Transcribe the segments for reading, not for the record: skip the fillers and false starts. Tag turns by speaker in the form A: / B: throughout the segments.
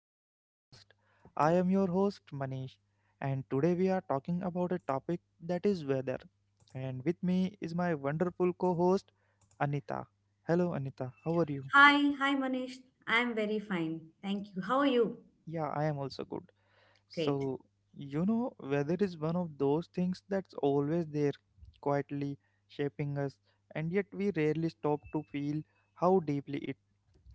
A: to the podcast. I am your host, Manish, and today we are talking about a topic that is weather. And with me is my wonderful co host, Anita. Hello, Anita, how are you?
B: Hi, Manish. I'm very fine. Thank you. How are you?
A: Yeah, I am also good.
B: Great.
A: So, weather is one of those things that's always there, quietly shaping us, and yet we rarely stop to feel how deeply it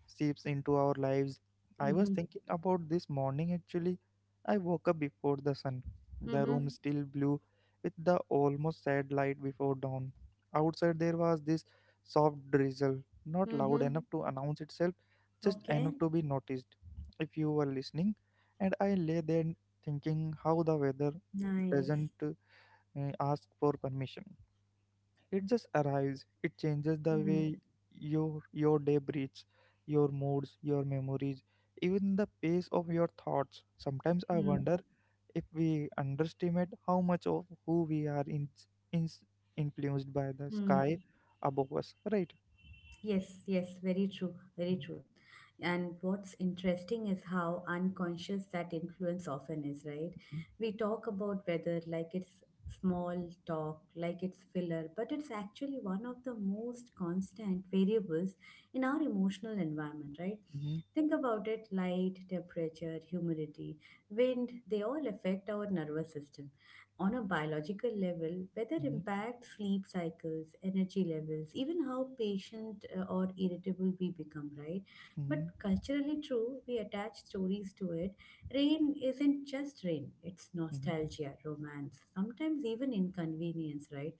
A: seeps into our lives. I was
B: Mm-hmm.
A: thinking about this morning actually. I woke up before the sun. The room
B: Mm-hmm.
A: still blue with the almost sad light before dawn. Outside there was this soft drizzle, not loud
B: Mm-hmm.
A: enough to announce itself, just
B: Okay.
A: enough to be noticed if you were listening. And I lay there thinking how the weather
B: Nice.
A: doesn't ask for permission. It just arrives. It changes the
B: Mm-hmm.
A: way your day breathes, your moods, your memories, even the pace of your thoughts. Sometimes I wonder if we underestimate how much of who we are in, influenced by the sky
B: Mm-hmm.
A: above us, right?
B: Yes, yes, very true, very
A: Mhm,
B: true. And what's interesting is how unconscious that influence often is, right? We talk about weather like it's small talk, like it's filler, but it's actually one of the most constant variables in our emotional environment, right?
A: mhm,
B: Think about it, light, temperature, humidity, wind, they all affect our nervous system on a biological level. Weather impacts sleep cycles, energy levels, even how patient or irritable we become, right? But
A: mhm,
B: culturally true, we attach stories to it. Rain isn't just rain, it's
A: mhm,
B: nostalgia, romance, sometimes even inconvenience, right?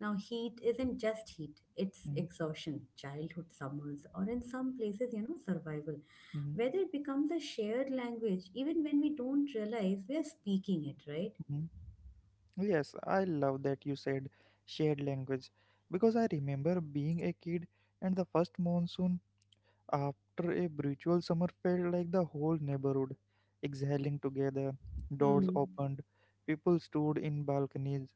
B: Now, heat isn't just heat, it's
A: mhm, mhm,
B: exhaustion, childhood summers, or in some places, you know, survival.
A: mhm.
B: Weather becomes a shared language even when we don't realize we are speaking it, right?
A: Mhm. Yes, I love that you said shared language because I remember being a kid and the first monsoon after a brutal summer felt like the whole neighborhood, exhaling together, doors
B: Hmm.
A: opened, people stood in balconies.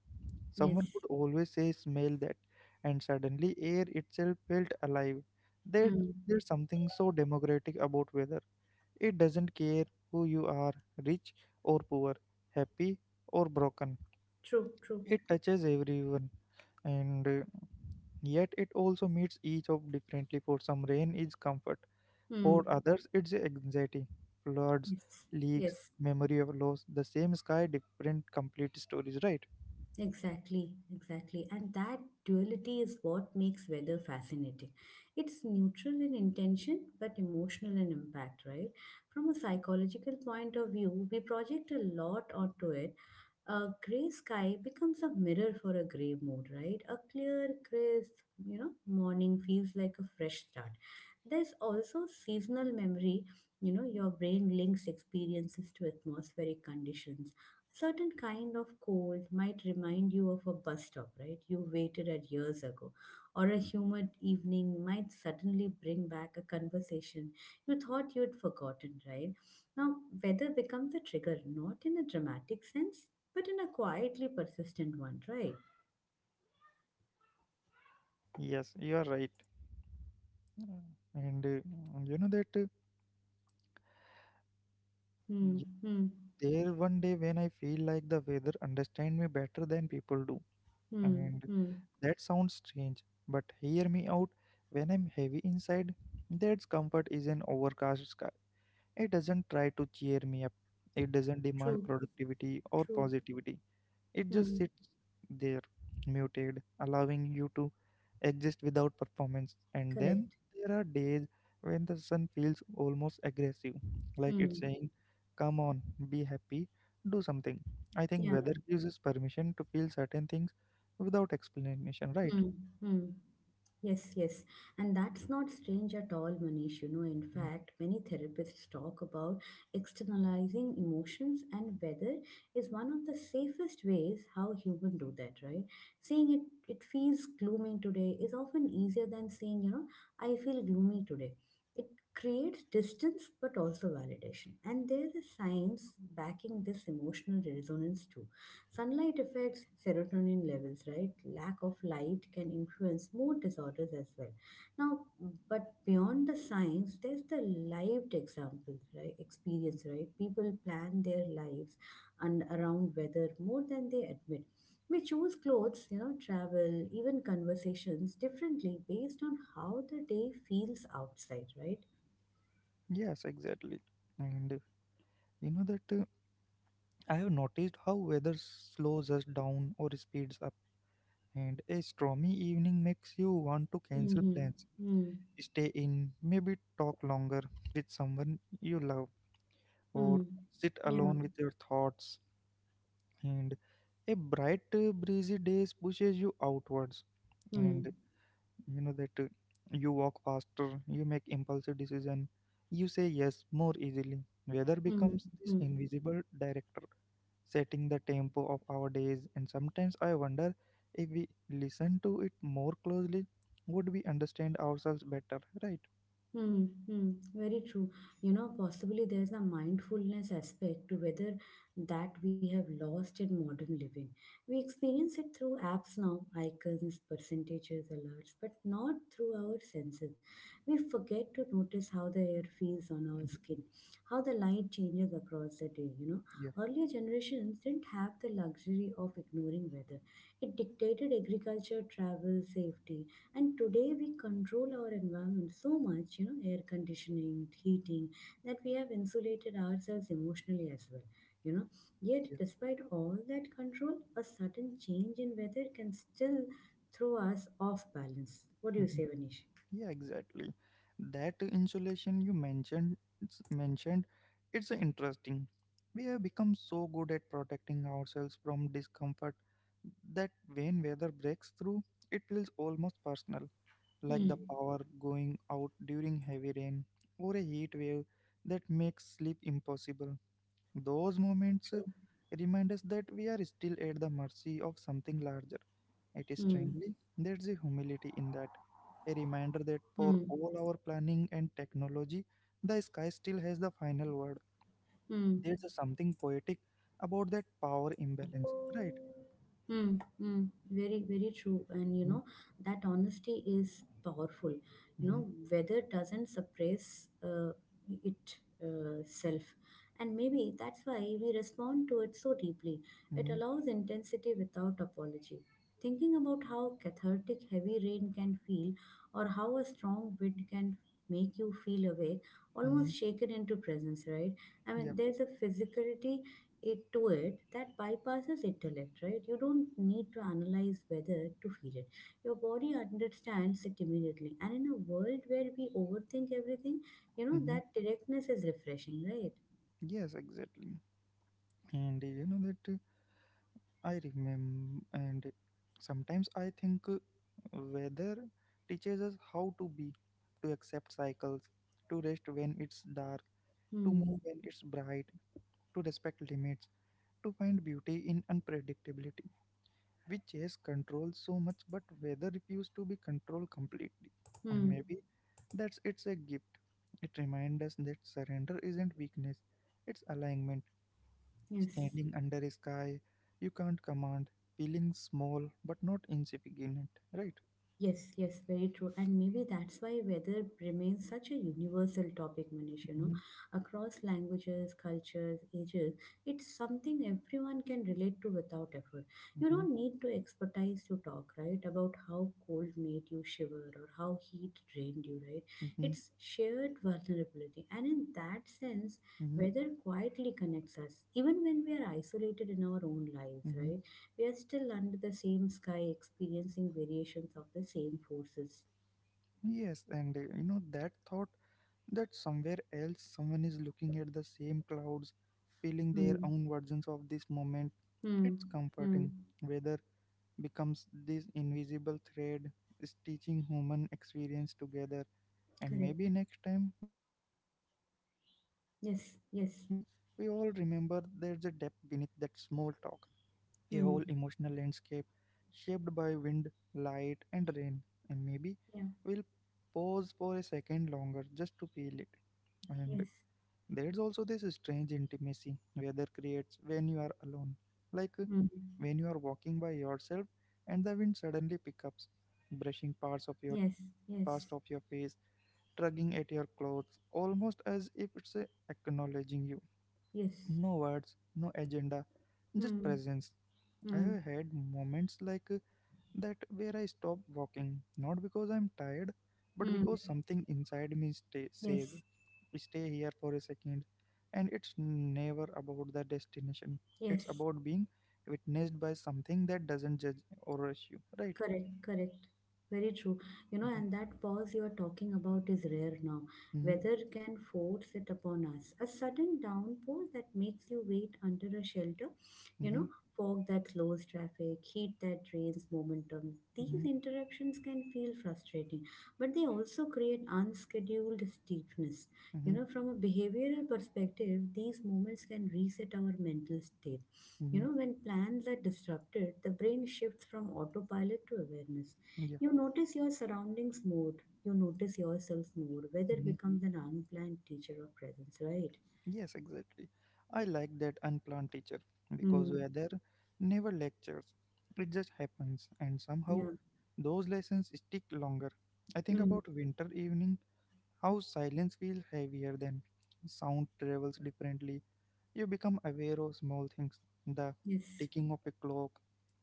B: Yes.
A: Someone would always say, smell that, and suddenly air itself felt alive. There,
B: Hmm.
A: there's something so democratic about weather. It doesn't care who you are, rich or poor, happy or broken.
B: True, true.
A: It touches everyone, and yet it also meets each of differently. For some rain is comfort, for
B: Hmm.
A: others, it's anxiety, floods,
B: Yes.
A: leaks,
B: Yes.
A: memory of loss, the same sky, different complete stories, right?
B: Exactly. Exactly. And that duality is what makes weather fascinating. It's neutral in intention, but emotional in impact, right? From a psychological point of view, we project a lot onto it. A gray sky becomes a mirror for a gray mood, right? A clear, crisp, you know, morning feels like a fresh start. There's also seasonal memory, you know, your brain links experiences to atmospheric conditions. A certain kind of cold might remind you of a bus stop, right, you waited at years ago. Or a humid evening might suddenly bring back a conversation you thought you'd forgotten, right? Now, weather becomes a trigger, not in a dramatic sense, but in a quietly persistent one, right?
A: Yes, you are right. Mm. And mm, you know that
B: Hmm,
A: y-
B: hmm,
A: There one day when I feel like the weather understand me better than people do.
B: hmm,
A: And
B: hmm.
A: that sounds strange, but hear me out. When I'm heavy inside, that comfort is an overcast sky. It doesn't try to cheer me up. It doesn't demand
B: True,
A: productivity or
B: true.
A: positivity. It just
B: Hmm,
A: sits there, muted, allowing you to exist without performance. And then
B: correct.
A: there are days when the sun feels almost aggressive, like it's
B: Hmm,
A: saying, come on, be happy, do something. I think
B: yeah,
A: weather gives us permission to feel certain things without explanation, right?
B: hmm, hmm. Yes, yes. And that's not strange at all, Manish. You know, in fact, many therapists talk about externalizing emotions, and whether is one of the safest ways how humans do that, right? Saying it, it feels gloomy today is often easier than saying, you know, I feel gloomy today. It creates distance but also validation. And there are signs backing this emotional resonance too. Sunlight affects serotonin levels, right? Lack of light can influence mood disorders as well. Now, but beyond the science, there's the lived example, right? Experience, right? People plan their lives and around weather more than they admit. We choose clothes, you know, travel, even conversations differently based on how the day feels outside, right?
A: Yes, exactly. And you know that I have noticed how weather slows us down or speeds up, and a stormy evening makes you want to cancel
B: Mm-hmm.
A: plans,
B: Mm-hmm.
A: stay in, maybe talk longer with someone you love, or sit
B: Yeah.
A: alone with your thoughts. And a bright, breezy day pushes you outwards, and you know that you walk faster, you make impulsive decision, you say yes more easily. Weather becomes this
B: Mm-hmm.
A: invisible director, setting the tempo of our days. And sometimes I wonder, if we listen to it more closely, would we understand ourselves better? Right?
B: Hmm, hmm, very true. You know, possibly there's a mindfulness aspect to whether that we have lost in modern living. We experience it through apps now, icons, percentages, alerts, but not through our senses. We forget to notice how the air feels on our
A: Mhm.
B: skin, how the light changes across the day. You know,
A: Yeah.
B: earlier generations didn't have the luxury of ignoring weather, it dictated agriculture, travel, safety, and today we control our environment so much, you know, air conditioning, heating, that we have insulated ourselves emotionally as well, you know. Yet despite all that control, a sudden change in weather can still throw us off balance. What do you
A: Mhm.
B: say, vanish?
A: Yeah, exactly. That insulation you mentioned, it's interesting. We have become so good at protecting ourselves from discomfort that when weather breaks through, it feels almost personal, like the
B: Hmm.
A: power going out during heavy rain or a heat wave that makes sleep impossible. Those moments
B: True.
A: remind us that we are still at the mercy of something larger. It is
B: Hmm.
A: strangely, there's a humility in that. A reminder that for
B: Hmm.
A: all our planning and technology, the sky still has the final word. There's a something poetic about that power imbalance,
B: Hmm.
A: right?
B: Hmm, hmm, very, very true. And you
A: Mm-hmm,
B: know, that honesty is powerful. You
A: mm-hmm,
B: know, weather doesn't suppress it self. And maybe that's why we respond to it so deeply. It
A: mm-hmm,
B: allows intensity without apology. Thinking about how cathartic heavy rain can feel, or how a strong wind can make you feel awake,
A: mm-hmm.
B: almost shaken into presence, right? I
A: yeah,
B: mean, there's a physicality it to it that bypasses intellect, right? You don't need to analyze whether to feel it. Your body understands it immediately. And in a world where we overthink everything, you know,
A: mm-hmm.
B: that directness is refreshing, right?
A: Yes, exactly. And you know that. I remember, and sometimes I think weather teaches us how to be, to accept cycles, to rest when it's dark, to
B: Hmm.
A: move when it's bright, to respect limits, to find beauty in unpredictability. We chase control so much, but weather refuses to be controlled completely. And
B: Hmm.
A: maybe that's it's a gift. It reminds us that surrender isn't weakness, it's alignment.
B: Yes.
A: Standing under a sky, you can't command, feeling small but not insignificant, right?
B: Yes, yes, very true. And maybe that's why weather remains such a universal topic, Manish, you know,
A: Mhm,
B: across languages, cultures, ages. It's something everyone can relate to without effort. You
A: mhm,
B: don't need to expertise to talk, right, about how cold made you shiver or how heat drained you, right?
A: mhm,
B: It's shared vulnerability. And in that sense,
A: mhm,
B: weather quietly connects us, even when we are isolated in our own lives,
A: mhm.
B: right? We are still under the same sky experiencing variations of the same forces.
A: Yes, and you know that thought that somewhere else someone is looking at the same clouds, feeling their
B: Hmm.
A: own versions of this moment.
B: Hmm.
A: It's
B: Hmm.
A: comforting. Weather becomes this invisible thread stitching human experience together. And maybe
B: Correct.
A: next time we talk about it casually, we all
B: Yes.
A: remember
B: Yes.
A: there's a depth beneath that small talk, a whole
B: Hmm.
A: emotional landscape shaped by wind, light, and rain. And maybe
B: Yeah.
A: we'll pause for a second longer just to feel it. And
B: Yes.
A: there's also this strange intimacy weather creates when you are alone. Like uh,
B: Hmm.
A: when you are walking by yourself and the wind suddenly picks up, brushing parts of your
B: Yes. Yes.
A: past of your face, tugging at your clothes, almost as if it's acknowledging you.
B: Yes.
A: No words, no agenda, just
B: Hmm.
A: presence. I
B: Hmm.
A: have had moments that where I stop walking, not because I'm tired, but
B: Hmm.
A: because something inside me says,
B: Yes.
A: stay here for a second. And it's never about the destination, it's
B: Yes.
A: about being witnessed by something that doesn't judge or rush you, right?
B: Correct. Correct. Very true. You know,
A: Mm-hmm,
B: and that pause you are talking about is rare now.
A: mm-hmm,
B: Weather can force it upon us. A sudden downpour that makes you wait under a shelter, you know, fog that slows traffic, heat that drains momentum.
A: mm-hmm,
B: These
A: mm-hmm,
B: interruptions can feel frustrating, but they also create unscheduled steepness. You
A: mm-hmm,
B: know, from a behavioral perspective, these moments can reset our mental state. You
A: Mm-hmm.
B: know, when plans are disrupted, the brain shifts from autopilot to awareness.
A: yeah.
B: You notice your surroundings more, you notice yourself more. Weather
A: Mm-hmm.
B: becomes an unplanned teacher of presence, right?
A: Yes, exactly. I like that unplanned teacher because
B: Mm,
A: weather never lectures. It just happens, and somehow
B: yeah.
A: those lessons stick longer. I think
B: Mm,
A: about winter evening, how silence feels heavier than sound travels differently. You become aware of small things, the
B: yes.
A: ticking of a clock,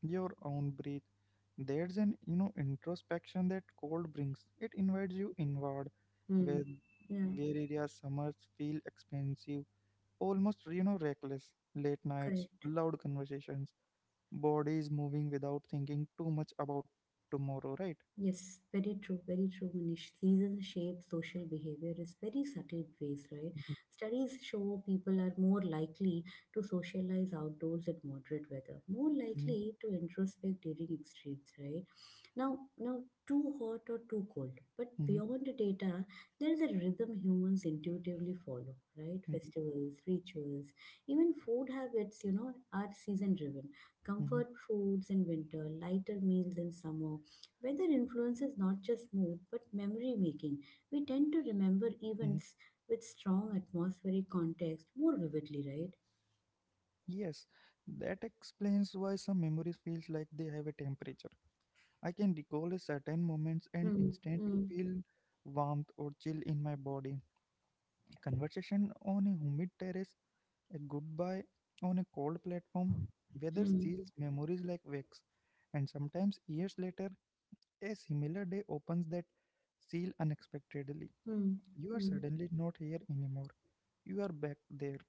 A: your own breath. There's an introspection that cold brings. It invites you inward, where
B: Mm, yeah.
A: where areas summers feel expensive, almost reckless, late nights,
B: Correct.
A: loud conversations, bodies moving without thinking too much about tomorrow, right?
B: Yes, very true, Manish. Seasons shape social behavior is very subtle ways, right?
A: hmm
B: Studies show people are more likely to socialize outdoors in moderate weather, more likely to introspect during extremes, right? Now, too hot or too cold. But
A: hmm
B: beyond the data, there is a rhythm humans intuitively follow, right?
A: hmm
B: Festivals, rituals, even food habits, you know, are season driven.
A: hmm
B: Comfort foods in winter, lighter meals in summer. Weather influences not just mood but memory making. We tend to
A: hmm
B: remember events with strong atmospheric context more vividly, right?
A: Yes, that explains why some memories feels like they have a temperature. I can recall a certain moments and
B: Mm,
A: instantly
B: mm,
A: feel warmth or chill in my body, a conversation on a humid terrace, a goodbye on a cold platform. Weather
B: mm,
A: seals memories like wax, and sometimes years later a similar day opens that seal unexpectedly.
B: mm,
A: You are
B: mm.
A: suddenly not here anymore. You are back there,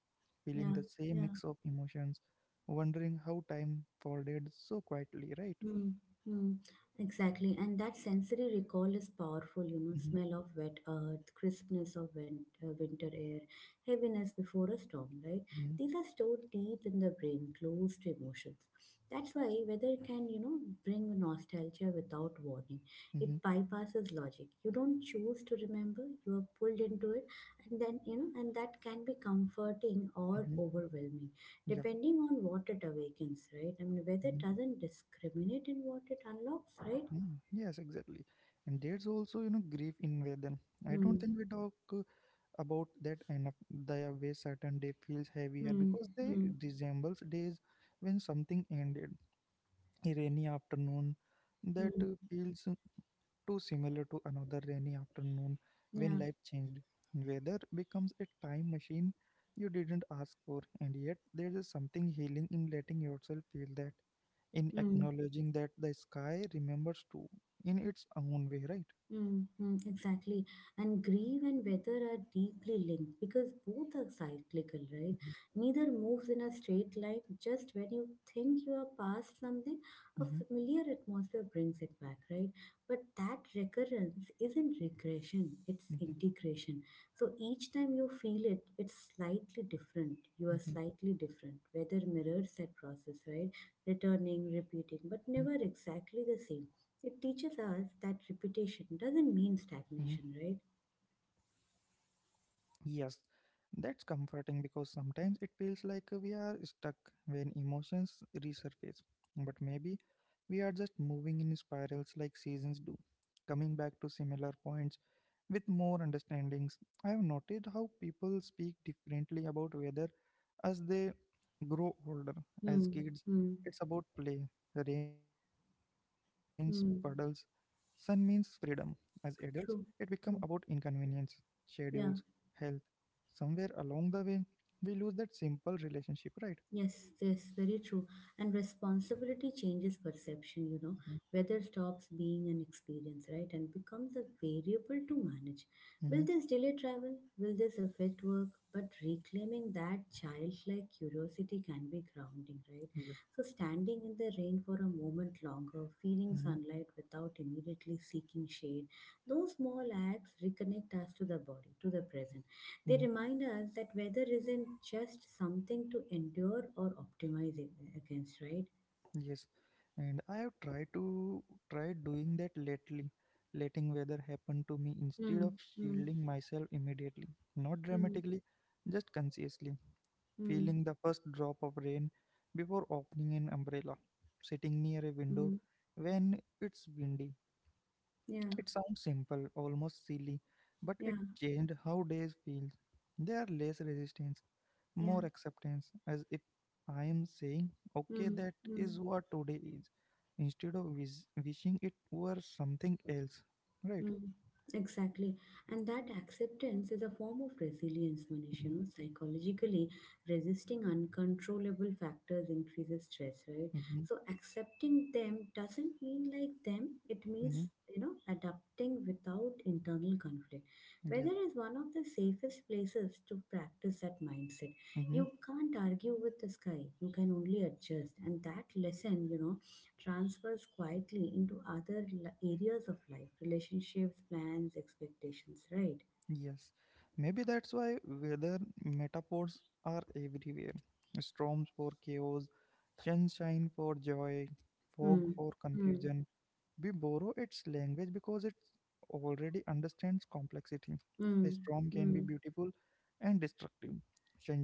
A: feeling
B: Yeah,
A: the same
B: yeah.
A: mix of emotions, wondering how time folded so quietly, right?
B: Hmm. Hmm. Exactly. And that sensory recall is powerful, you know,
A: hmm
B: smell of wet earth, crispness of winter air, heaviness before a storm, right?
A: hmm
B: These are stored deep in the brain, close to emotions. That's why weather can, you know, bring nostalgia without warning.
A: hmm
B: It bypasses logic. You don't choose to remember, you are pulled into it, and then, you know, and that can be comforting or
A: hmm
B: overwhelming
A: Yeah.
B: depending on what it awakens, right? I mean, whether it
A: hmm
B: doesn't discriminate in what it unlocks, right?
A: hmm. Yes, exactly. And there's also, grief in weather. I
B: Hmm.
A: don't think we talk about that enough. The way certain day feels heavier
B: Hmm.
A: because they
B: Hmm.
A: resembles days when something ended. Rainy afternoon that
B: Hmm.
A: feels too similar to another rainy afternoon when
B: Yeah.
A: life changed. Weather becomes a time machine you didn't ask for, and yet there is something healing in letting yourself feel that, in
B: Hmm.
A: acknowledging that the sky remembers too in its own way, right?
B: Mm-hmm, exactly. And grief and weather are deeply linked because both are cyclical, right? Neither moves in a straight line. Just when you think you are past something, a
A: Mm-hmm,
B: familiar atmosphere brings it back, right? But that recurrence isn't regression, it's
A: mm-hmm,
B: integration. So each time you feel it, it's slightly different. You are
A: mm-hmm,
B: slightly different. Weather mirrors that process, right?
A: mm-hmm,
B: Returning, repeating, but never exactly the same. It teaches us that repetition doesn't mean
A: mm-hmm.
B: stagnation, right?
A: Yes, that's comforting because sometimes it feels like we are stuck when emotions resurface. But maybe we are just moving in spirals like seasons do, coming back to similar points with more understandings. I have noticed how people speak differently about weather as they grow older. As
B: Hmm.
A: kids,
B: Hmm.
A: it's about play. Rain means puddles, sun
B: Hmm.
A: means freedom. As adults, it become
B: True.
A: about
B: True.
A: inconvenience, schedules,
B: Yeah.
A: health. Somewhere along the way, we lose that simple relationship, right?
B: Yes, that's very true. And responsibility changes perception, you know. Weather stops being an experience, right, and becomes a variable to manage. Will
A: Mm-hmm.
B: this delay travel? Will this affect work? But reclaiming that childlike curiosity can be grounding, right?
A: Yeah.
B: So, standing in the rain for a moment longer, feeling
A: Mm-hmm.
B: sunlight without immediately seeking shade, those small acts reconnect us to the body, to the present. They
A: Mm-hmm.
B: remind us that weather isn't just something to endure or optimize against, right?
A: Yes. And I have tried doing that lately, letting weather happen to me instead of
B: Mm, mm,
A: shielding myself immediately, not
B: mm,
A: dramatically, just consciously.
B: mm,
A: Feeling the first drop of rain before opening an umbrella, sitting near a window
B: mm.
A: when it's windy.
B: Yeah,
A: It sounds simple, almost silly, but
B: yeah,
A: it changed how days feel. There are less resistance,
B: yeah.
A: more acceptance, as if I am saying, okay,
B: Mm,
A: that is
B: mm.
A: what today is, instead of wishing it were something else. Right?
B: Mm, exactly. And that acceptance is a form of resilience, Manish. You
A: Mm-hmm,
B: know, psychologically, resisting uncontrollable factors increases stress, right?
A: mm-hmm,
B: So accepting them doesn't mean like them, it
A: mm-hmm,
B: means, you know, adapting without internal conflict.
A: yeah.
B: Weather is one of the safest places to practice that mindset.
A: Mm-hmm.
B: You can't argue with the sky, you can only adjust. And that lesson, you know, transfers quietly into other areas of life, relationships, plans, expectations, right?
A: Yes, maybe that's why weather metaphors are everywhere. Storms for chaos, sunshine for joy, fog
B: Mm,
A: for
B: mm,
A: confusion. We borrow its language because it already understands complexity. A
B: mm,
A: storm can
B: mm,
A: be beautiful and destructive.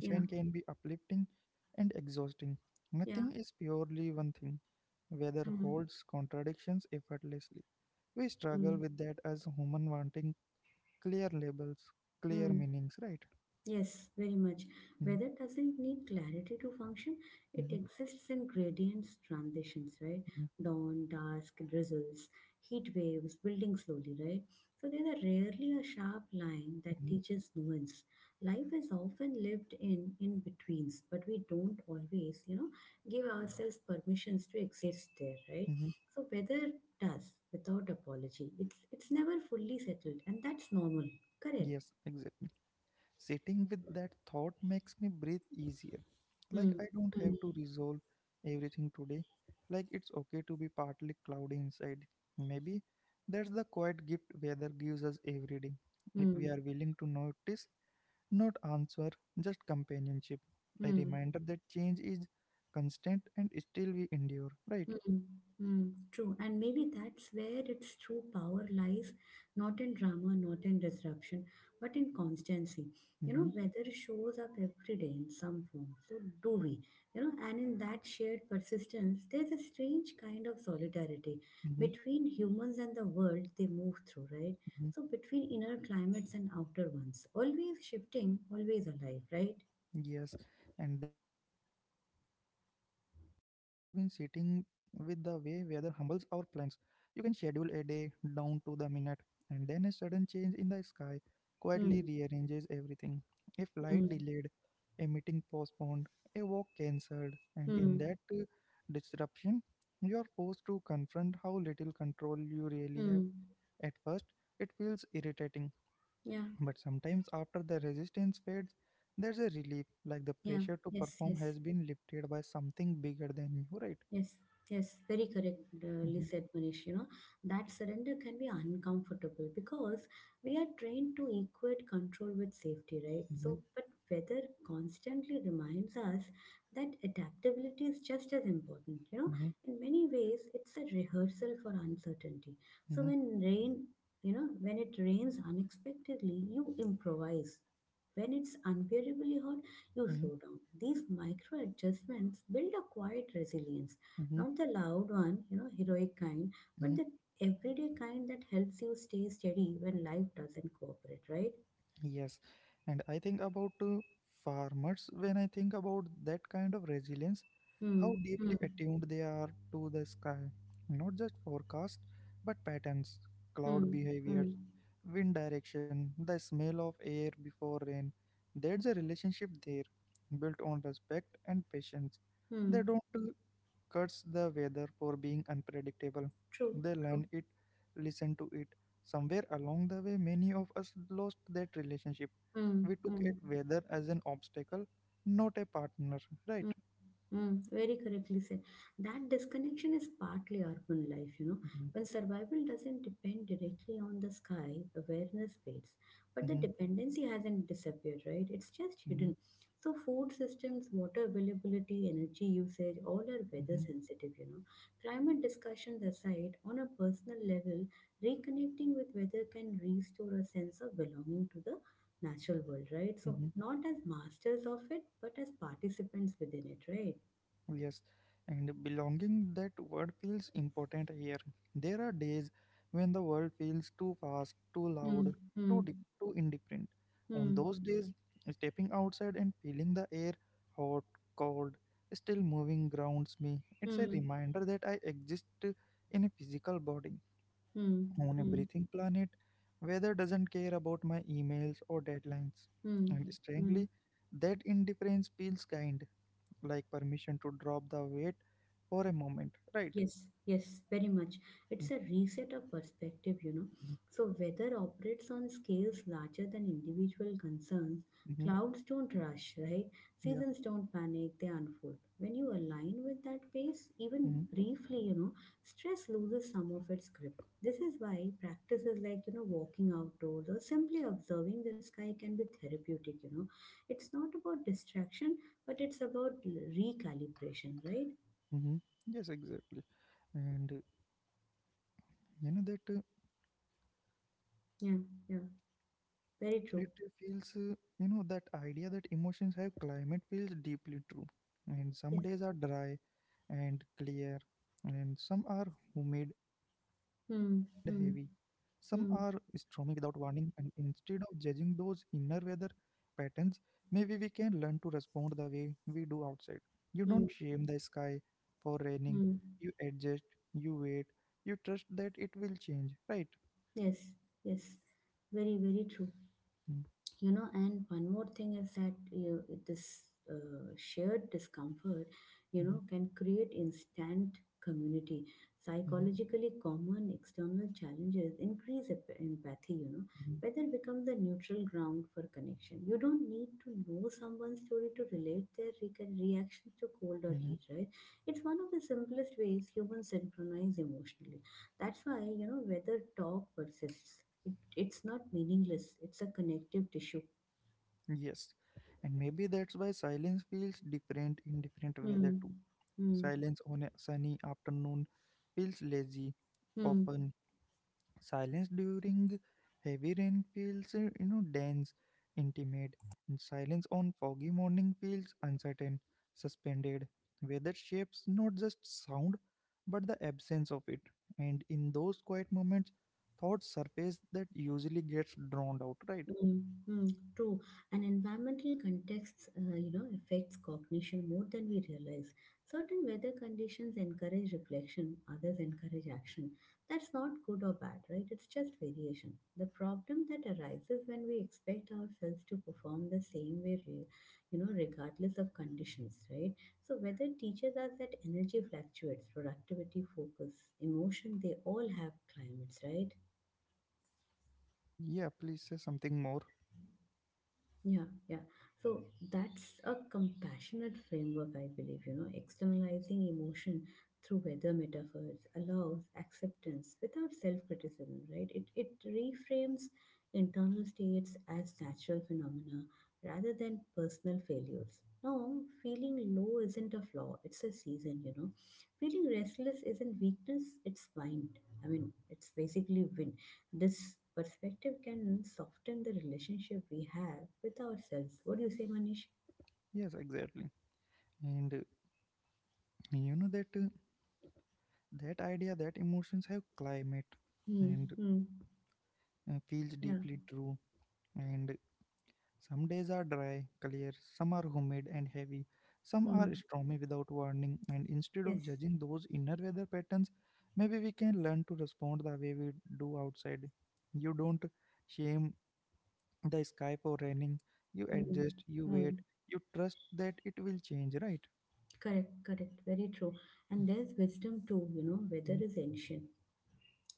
B: yeah,
A: can be uplifting and exhausting.
B: yeah,
A: Nothing is purely one thing. Weather
B: mm,
A: holds contradictions effortlessly. We struggle
B: mm,
A: with that as human, wanting clear labels, clear
B: mm.
A: meanings, right?
B: Yes, very much.
A: Mhm,
B: Weather doesn't need clarity to function. It
A: mhm,
B: exists in gradients, transitions, right?
A: mhm,
B: Dawn, dusk, drizzles, heat waves, building slowly, right? So there are rarely a sharp line that
A: mhm,
B: teaches nuance. Life is often lived in in-betweens, but we don't always, you know, give ourselves permissions to exist there, right?
A: mhm.
B: So weather does without apology. It's never fully settled, and that's normal. Correct.
A: Yes, exactly. Sitting with that thought makes me breathe easier.
B: Hmm.
A: Like, I don't
B: Hmm.
A: have to resolve everything today. Like, it's okay to be partly cloudy inside. Maybe that's the quiet gift weather gives us every day. If
B: Hmm.
A: we are willing to notice, not answer, just companionship. A
B: Hmm.
A: reminder that change is constant and still we endure, right?
B: Hmm. Hmm. True. And maybe that's where its true power lies, not in drama, not in disruption, but in constancy. You
A: Mm-hmm,
B: know, weather shows up every day in some form. So do we. You know, and in that shared persistence, there's a strange kind of solidarity
A: mm-hmm.
B: between humans and the world they move through, right? So between inner climates and outer ones. Always shifting, always alive, right?
A: Yes, and there's something else I've been sitting with, the way weather humbles our plans. You can schedule a day down to the minute, and then a sudden change in the sky quietly
B: Hmm.
A: rearranges everything. A flight
B: Hmm.
A: delayed, a meeting postponed, a walk cancelled, and in
B: Hmm.
A: that disruption, you're forced to confront how little control you really have.
B: Hmm.
A: At first, it feels irritating,
B: Yeah.
A: but sometimes, after the resistance fades, there's a relief, like the
B: Yeah.
A: pressure to
B: Yes.
A: perform
B: Yes.
A: has been lifted by something bigger than you, right?
B: Yes, yes, very correctly
A: Mm-hmm,
B: said, Manish. You know, that surrender can be uncomfortable because we are trained to equate control with safety, right? So, but weather constantly reminds us that adaptability is just as important. You know,
A: mm-hmm,
B: in many ways, it's a rehearsal for uncertainty. So,
A: mm-hmm,
B: when rain, you know, when it rains unexpectedly, you improvise. When it's unbearably hot, you
A: mm-hmm,
B: slow down. These micro adjustments build a quiet resilience.
A: mm-hmm,
B: Not the loud one, heroic kind, but the everyday kind that helps you stay steady when life doesn't cooperate, right?
A: yes, and I think about farmers when I think about that kind of resilience,
B: Hmm,
A: how
B: hmm,
A: deeply attuned they are to the sky, not just forecast, but patterns, cloud
B: hmm,
A: behaviors,
B: hmm,
A: wind direction, the smell of air before rain. There's a relationship there built on respect and patience. They
B: hmm.
A: don't curse the weather for being unpredictable.
B: True,
A: They
B: true.
A: learn it, listen to it. Somewhere along the way, many of us lost that relationship.
B: Hmm,
A: We took
B: hmm,
A: it weather as an obstacle, not a partner, right?
B: hmm. Very correctly said. That disconnection is partly urban life.
A: Mm-hmm,
B: When survival doesn't depend directly on the sky, awareness fades. But the
A: mm-hmm,
B: dependency hasn't disappeared, right? It's just
A: mm-hmm,
B: hidden. So, food systems, water availability, energy usage, all are weather
A: mm-hmm,
B: sensitive. Climate discussions aside, on a personal level, reconnecting with weather can restore a sense of belonging to the natural world, right? So,
A: mm-hmm.
B: not as masters of it, but as participants within it, right?
A: Yes, and belonging that word feels important here. There are days when the world feels too fast, too
B: 嗯
A: loud, too deep,
B: 嗯
A: too indifferent. On
B: 嗯
A: those days, stepping outside and feeling the air hot, cold, still moving grounds me. It's a
B: 嗯
A: reminder that I exist in a physical body,
B: 嗯嗯
A: on a
B: 嗯
A: breathing planet. Weather doesn't care about my emails or deadlines. And
B: 嗯嗯。
A: strangely, that indifference feels kind like permission to drop the weight for a moment, right?
B: Yes, yes, very much. It's a reset of perspective.
A: Mm-hmm.
B: So, weather operates on scales larger than individual concerns.
A: Hmm.
B: Clouds don't rush, right?
A: Yeah.
B: Seasons don't panic, they unfold. When you align with that pace, even
A: Hmm.
B: briefly, stress loses some of its grip. This is why practices like, walking outdoors or simply observing the sky can be therapeutic. It's not about distraction, but it's about recalibration, right?
A: Hmm. Yes, exactly. And you know that
B: Yeah, yeah. Very true.
A: It feels, that idea that emotions have climate feels deeply true. And some
B: Yes.
A: days are dry and clear, and some are humid and heavy.
B: Hmm.
A: Some are
B: Hmm.
A: stormy without
B: Hmm.
A: warning, and instead of judging those inner weather patterns, maybe we can learn to respond the way we do outside. You
B: Hmm.
A: don't shame the sky for raining,
B: Hmm.
A: you adjust, you wait, you trust that it will change, right?
B: Yes. Yes. Very, very true.
A: Mhm,
B: And one more thing is that, this shared discomfort
A: mhm,
B: can create instant community.
A: mhm,
B: Psychologically, common external challenges increase empathy.
A: mhm,
B: Weather becomes the neutral ground for connection. You don't need to know someone's story to relate their reactions to cold or heat,
A: mhm.
B: right? It's one of the simplest ways humans synchronize emotionally. That's why weather talk persists. It's not meaningless, it's a connective tissue.
A: Yes, and maybe that's why silence feels different in different weather
B: Hmm.
A: too.
B: Hmm.
A: Silence on a sunny afternoon feels lazy,
B: Hmm.
A: open. Silence during heavy rain feels, dense, intimate, and silence on foggy morning feels uncertain, suspended. Weather shapes not just sound, but the absence of it. And in those quiet moments, thoughts surface that usually gets drowned out, right?
B: Mm, mm, true. And environmental contexts, affects cognition more than we realize. Certain weather conditions encourage reflection, others encourage action. That's not good or bad, right? It's just variation. The problem that arises when we expect ourselves to perform the same way, regardless of conditions, right? So weather teaches us that energy fluctuates, productivity, focus, emotion, they all have climates, right?
A: Yeah, please say something more.
B: Yeah, yeah. So that's a compassionate framework, I believe. Externalizing emotion through weather metaphors allows acceptance without self criticism, right? It reframes internal states as natural phenomena rather than personal failures. No, feeling low isn't a flaw, it's a season. Feeling restless isn't weakness, it's mind. I mean, it's basically win this perspective can soften the relationship we have with ourselves. What do you say, Manish?
A: Yes, exactly. And you know that that idea that emotions have climate
B: Hmm.
A: and
B: Hmm.
A: uh, feels
B: Yeah.
A: deeply true. And some days are dry, clear, some are humid and heavy, some are
B: Hmm.
A: stormy without warning, and instead of
B: Yes.
A: judging those inner weather patterns, maybe we can learn to respond the way we do outside. You don't shame the sky for raining, you
B: Hmm.
A: adjust, you wait,
B: Hmm.
A: you trust that it will change, right?
B: Correct. Correct. Very true. And there's wisdom too. Weather
A: Mm-hmm.
B: is ancient.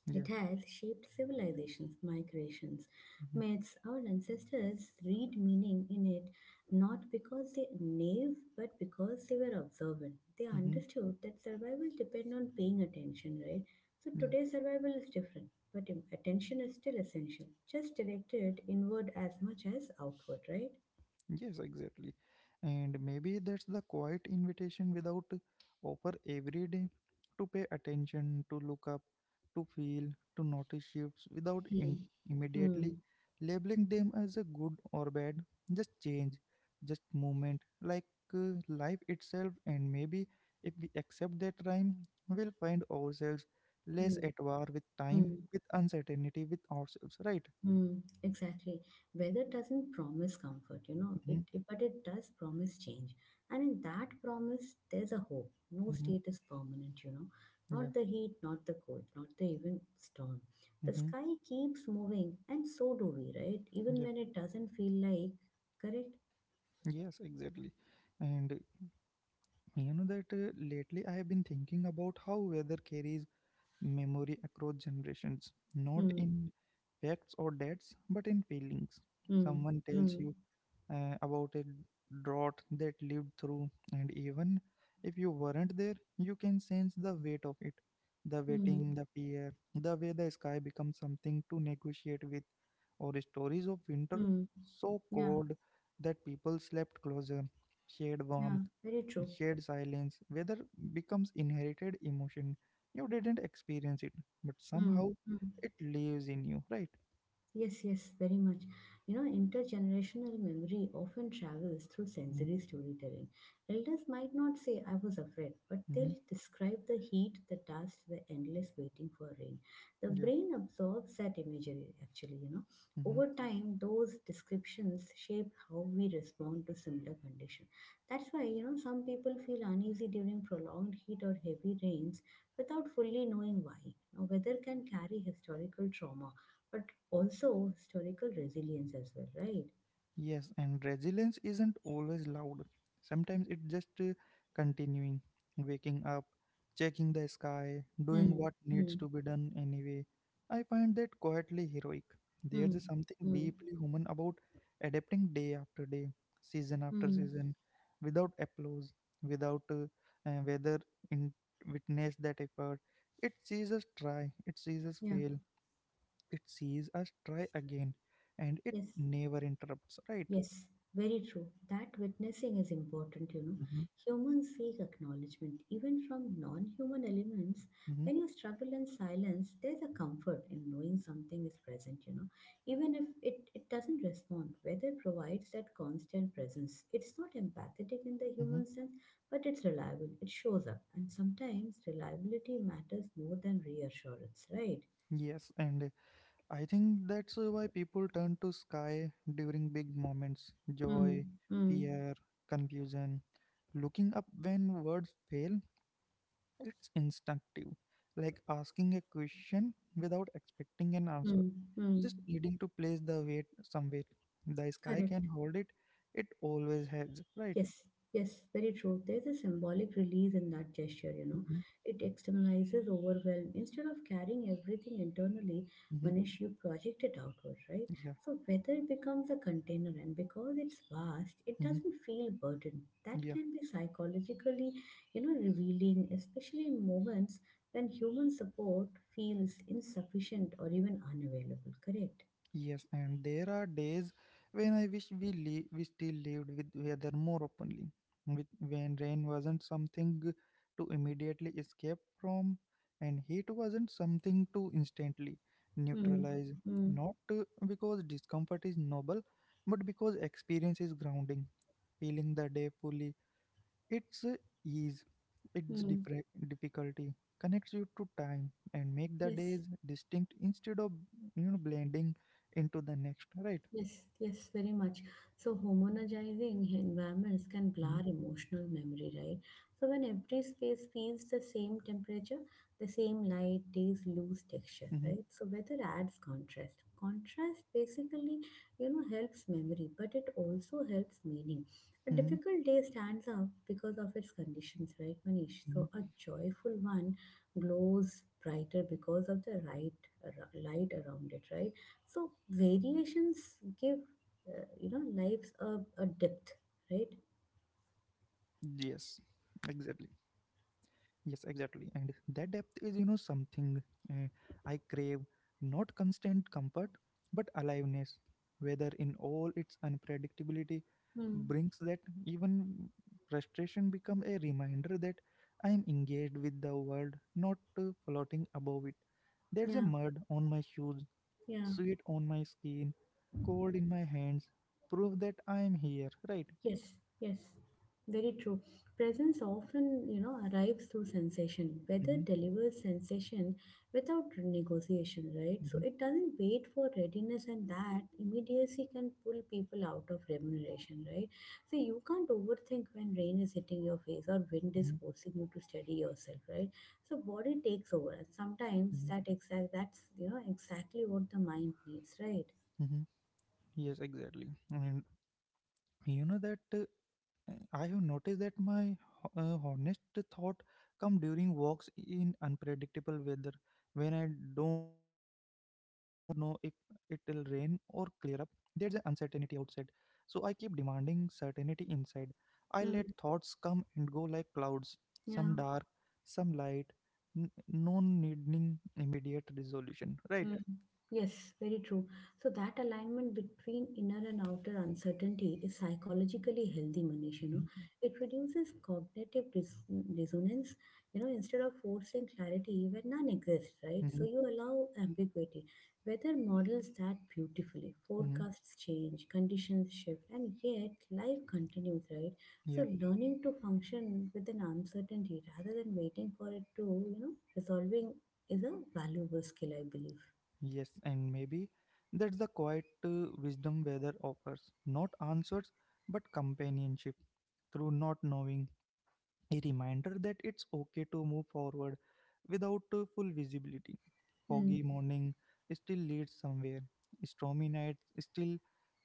A: Yeah.
B: It has shaped civilizations, migrations,
A: Mm-hmm.
B: myths. Our ancestors read meaning in it not because they naive, but because they were observant. They
A: Mm-hmm.
B: understood that survival depended on paying attention, right? So
A: Yeah.
B: today's survival is different, but attention is still essential, just directed inward as much as outward, right?
A: Yes, exactly. And maybe that's the quiet invitation without offer every day to pay attention, to look up, to feel, to notice shifts without
B: Hmm.
A: in- immediately
B: Hmm.
A: labeling them as a good or bad. Just change, just movement, like life itself. And maybe if we accept that rhyme, we'll find ourselves less
B: Hmm.
A: at war with time,
B: Hmm.
A: with uncertainty, with ourselves, right?
B: Hmm. Exactly. Weather doesn't promise comfort,
A: Mm-hmm.
B: but it does promise change. And in that promise, there's a hope. No
A: Mm-hmm.
B: state is permanent.
A: Yeah.
B: Not the heat, not the cold, not the even storm. The
A: Mm-hmm.
B: sky keeps moving, and so do we, right? Even
A: Yeah.
B: when it doesn't feel like, correct?
A: Yes, exactly. And you know that lately I have been thinking about how weather carries memory across generations, not
B: Hmm.
A: in facts or dates, but in feelings.
B: Hmm.
A: Someone tells
B: Hmm.
A: you about a drought that lived through, and even if you weren't there, you can sense the weight of it. The
B: Hmm.
A: waiting, the fear, the way the sky becomes something to negotiate with, or stories of winter
B: Hmm.
A: so
B: Yeah,
A: cold that people slept closer, shared
B: yeah,
A: warmth,
B: very true.
A: shared silence, weather becomes inherited emotion. You didn't experience it, but
B: Mm,
A: somehow
B: mm.
A: it lives in you, right?
B: Yes, yes, very much. Intergenerational memory often travels through
A: Mm-hmm.
B: sensory storytelling. Elders might not say, I was afraid, but
A: Mm-hmm.
B: they'll describe the heat, the dust, the endless waiting for rain. The
A: Yeah.
B: brain absorbs that imagery, actually.
A: Mm-hmm.
B: Over time, those descriptions shape how we respond to similar conditions. That's why, some people feel uneasy during prolonged heat or heavy rains without fully knowing why. Now, weather can carry historical trauma but also historical resilience as well, right?
A: Yes, and resilience isn't always loud. Sometimes it's just continuing, waking up, checking the sky, doing
B: Hmm.
A: what
B: Hmm.
A: needs to be done anyway. I find that quietly heroic.
B: Hmm.
A: There's a something
B: Hmm.
A: deeply human about adapting day after day, season after
B: Hmm.
A: season, without applause, without whether in witness that effort. It sees us try, it sees us
B: Yeah.
A: fail, it sees us try again, and it
B: Yes.
A: never interrupts, right?
B: Yes, very true. That witnessing is important,
A: Mm-hmm,
B: Humans seek acknowledgement, even from non human elements.
A: mm-hmm,
B: When you struggle in silence, there's a comfort in knowing something is present, Even if it doesn't respond, weather provides that constant presence. It's not empathetic in the
A: mm-hmm.
B: human sense, but it's reliable. It shows up. And sometimes reliability matters more than reassurance, right?
A: Yes, and I think that's why people turn to sky during big moments
B: Hmm.
A: joy,
B: Hmm.
A: fear, confusion. Looking up when words fail, it's instinctive, like asking a question without expecting an answer,
B: Hmm. Hmm.
A: just needing to place the weight somewhere. The sky
B: Correct.
A: can hold it, it always has, right?
B: Yes, yes, very true. There's a symbolic release in that gesture,
A: Mm-hmm,
B: It externalizes overwhelm. Instead of carrying everything internally,
A: mm-hmm,
B: Manish, you project it outward, right?
A: yeah,
B: So weather becomes a container, and because it's vast, it
A: mm-hmm,
B: doesn't feel burdened. That
A: yeah.
B: can be psychologically, revealing, especially in moments when human support feels insufficient or even unavailable, correct?
A: Yes, and there are days when I wish we still lived with weather more openly, with when rain wasn't something to immediately escape from, and heat wasn't something to instantly
B: Hmm,
A: neutralize.
B: hmm,
A: Not because discomfort is noble, but because experience is grounding, feeling the day fully its ease, its
B: hmm.
A: different difficulty connects you to time and make the
B: Yes.
A: days distinct instead of you know blending into the next, right?
B: Yes, yes, very much. So, homogenizing environments can
A: Mm-hmm,
B: blur emotional memory, right? So, when every space feels the same temperature, the same light, days lose texture,
A: mm-hmm,
B: right? So, weather adds contrast. Contrast basically, helps memory, but it also helps meaning. A
A: mm-hmm.
B: difficult day stands out because of its conditions, right, Manish?
A: Mm-hmm.
B: So, a joyful one glows brighter because of the right light around it, right? So variations give lives a depth, right?
A: Yes, exactly. Yes, exactly. And that depth is, you know, something uh, I crave not constant comfort, but aliveness, whether in all its unpredictability,
B: Hmm.
A: brings that even frustration become a reminder that I am engaged with the world, not floating above it. There's a
B: Yeah,
A: mud on my shoes,
B: yeah.
A: sweat on my skin, cold in my hands, proof that I am here, right?
B: Yes, yes, very true. Presence often, arrives through sensation. Weather
A: Hmm.
B: delivers sensation without negotiation, right? So it doesn't wait for readiness, and that immediacy can pull people out of remuneration, right? So you can't overthink when rain is hitting your face or wind is
A: Hmm.
B: forcing you to steady yourself, right? So body takes over, and sometimes that's exactly what the mind needs, right?
A: Hmm. Yes, exactly. And you know that I have noticed that my honest thought come during walks in unpredictable weather when I don't know if it will rain or clear up. There's an uncertainty outside, so I keep demanding certainty inside. I let
B: Mm,
A: thoughts come and go like clouds, some
B: yeah.
A: dark, some light, no needing immediate resolution. Right?
B: Mm, Yes, very true. So that alignment between inner and outer uncertainty is psychologically healthy, Manish.
A: Mm-hmm.
B: It reduces cognitive dissonance. Instead of forcing clarity where none exists, right? So
A: Mm-hmm.
B: you allow ambiguity. Weather models that beautifully.
A: Mm-hmm.
B: Forecasts change, conditions shift, and yet life continues, right?
A: Yeah.
B: So learning to function with an uncertainty rather than waiting for it to, resolving is a valuable skill, I believe.
A: Yes, and maybe that's the quiet wisdom weather offers not answers, but companionship through not knowing, a reminder that it's okay to move forward without full visibility.
B: Hmm.
A: Foggy morning still leads somewhere, stormy nights still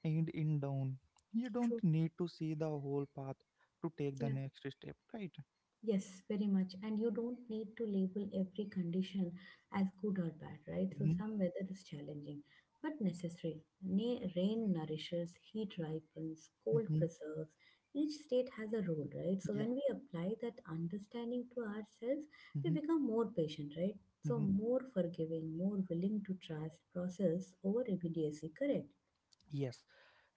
A: end in down. You don't
B: True.
A: need to see the whole path to take the
B: Yeah.
A: next step, right?
B: Yes, very much. And you don't need to label every condition as good or bad, right? So
A: Mm-hmm.
B: some weather is challenging, but necessary. Rain nourishes, heat ripens, cold
A: Mm-hmm.
B: preserves. Each state has a role, right? So
A: Yeah.
B: when we apply that understanding to ourselves, we
A: Mm-hmm.
B: become more patient, right? So
A: Mm-hmm.
B: more forgiving, more willing to trust process over immediacy. Correct.
A: Yes,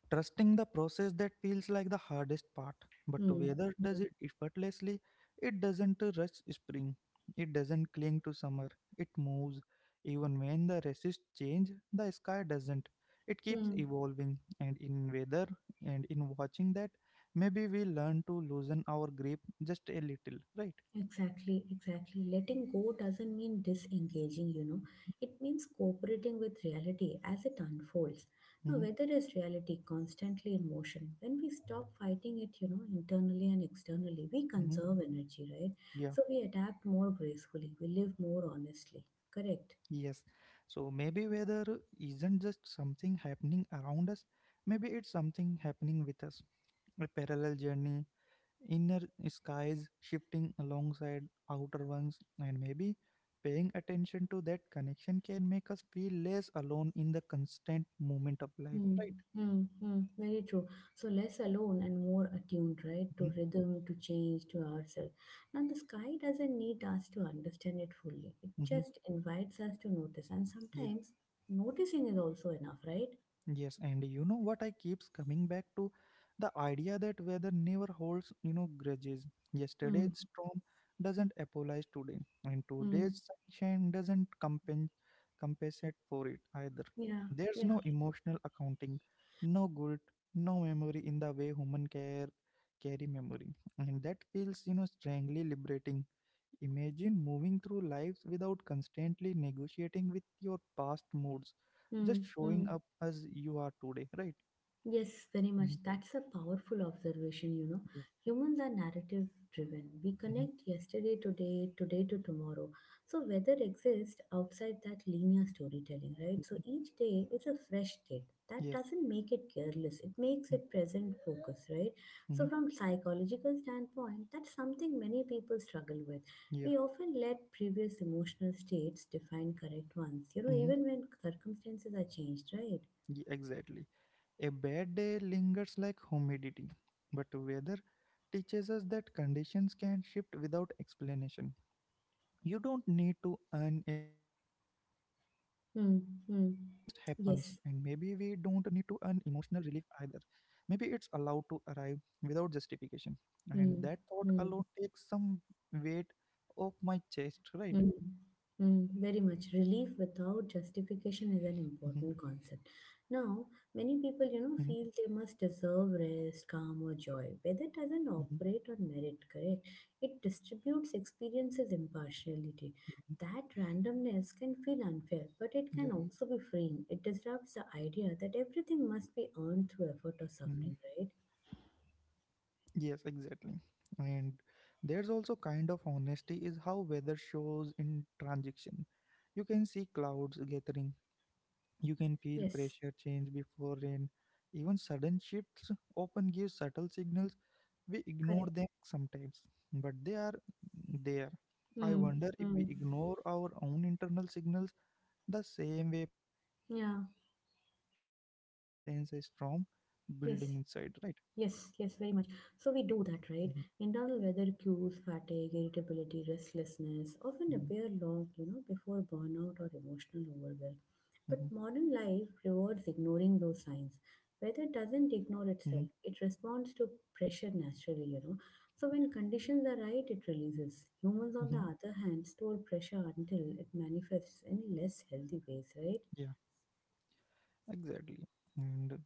A: trusting the process that feels like the hardest part, but
B: Hmm.
A: weather does
B: Hmm.
A: it effortlessly. It doesn't rush spring, it doesn't cling to summer, it moves. Even when the resists change, the sky doesn't. It keeps
B: Hmm.
A: evolving, and in weather and in watching that, maybe we learn to loosen our grip just a little, right?
B: Exactly, exactly. Letting go doesn't mean disengaging, It means cooperating with reality as it unfolds. Now,
A: Hmm.
B: weather is reality constantly in motion. When we stop fighting it, internally and externally, we
A: Hmm.
B: conserve energy, right?
A: Yeah,
B: So we adapt more gracefully, we live more honestly. Correct.
A: yes. So maybe weather isn't just something happening around us, maybe it's something happening with us a parallel journey, inner skies shifting alongside outer ones, and maybe paying attention to that connection can make us feel less alone in the constant movement of life,
B: Hmm,
A: right?
B: hmm, hmm. Very true. So less alone and more attuned, right?
A: Mm-hmm.
B: To rhythm, to change, to ourselves. Now, the sky doesn't need us to understand it fully, it
A: Mm-hmm.
B: just invites us to notice. And
A: Yeah.
B: sometimes noticing is also enough, right?
A: Yes, and you know what I keeps coming back to the idea that weather never holds, you know, grudges.
B: Hmm,
A: Yesterday's storm doesn't apologize today, and
B: hmm.
A: today's sunshine doesn't compensate for it either.
B: Yeah,
A: There's
B: yeah.
A: no emotional accounting, no guilt, no memory in the way human care carry memory, and that feels, you know, strangely liberating. Imagine moving through lives without constantly negotiating with your past moods, just
B: Hmm,
A: showing
B: hmm.
A: up as you are today, right?
B: Yes, very much.
A: Mhm,
B: That's a powerful observation,
A: yeah,
B: Humans are narrative driven. We
A: mhm,
B: connect yesterday, today, today to tomorrow. So, weather exists outside that linear storytelling, right? So,
A: mhm,
B: each day is a fresh state. That
A: yeah.
B: doesn't make it careless, it makes
A: Mm-hmm.
B: it present focus, right?
A: Mm-hmm.
B: So, from psychological standpoint, that's something many people struggle with.
A: Yeah.
B: We often let previous emotional states define correct ones,
A: Hmm.
B: even when circumstances are changed, right?
A: Yeah. Exactly. A bad day lingers like humidity, but weather teaches us that conditions can shift without explanation. You don't need to earn a clear sky, it just
B: Hmm.
A: happens, and
B: Hmm.
A: maybe we don't
B: Yes.
A: need to earn emotional relief either, maybe it's allowed to arrive without justification, and
B: Mm,
A: that thought
B: mm,
A: alone takes some weight off my chest, right?
B: mm, mm, very much. Relief without
A: Mm-hmm,
B: justification is an important concept. Now, many
A: mm-hmm,
B: people, feel they must deserve rest, calm, or joy, but it doesn't
A: mm-hmm,
B: operate on merit, correct? It distributes experiences impartiality.
A: hmm,
B: That randomness can feel unfair, but it
A: yeah.
B: can also be freeing. It disrupts the idea that everything must be earned through effort or
A: Hmm.
B: suffering, right?
A: Yes, exactly. And there's also kind of honesty is how weather shows in transition, you can see clouds gathering. You can feel
B: Yes,
A: pressure change before rain. Even sudden shifts often give subtle signals. We ignore
B: correct.
A: them sometimes, but they are there. I
B: Mm,
A: wonder if we
B: mm,
A: ignore our own internal signals the same way pushing through
B: yeah,
A: when we sense a storm building
B: yes.
A: inside, right?
B: Yes, yes, very much. So we do that,
A: Hmm.
B: right? Internal weather cues, fatigue, irritability, restlessness
A: Hmm.
B: often appear long, before burnout or emotional
A: Hmm.
B: overwhelm. But modern life rewards ignoring those signs. Weather doesn't
A: Hmm.
B: ignore itself, it responds to pressure naturally, So when conditions are right, it releases. Humans, on
A: Hmm.
B: the other hand, store pressure until it manifests in less healthy ways, right?
A: Yeah, exactly. And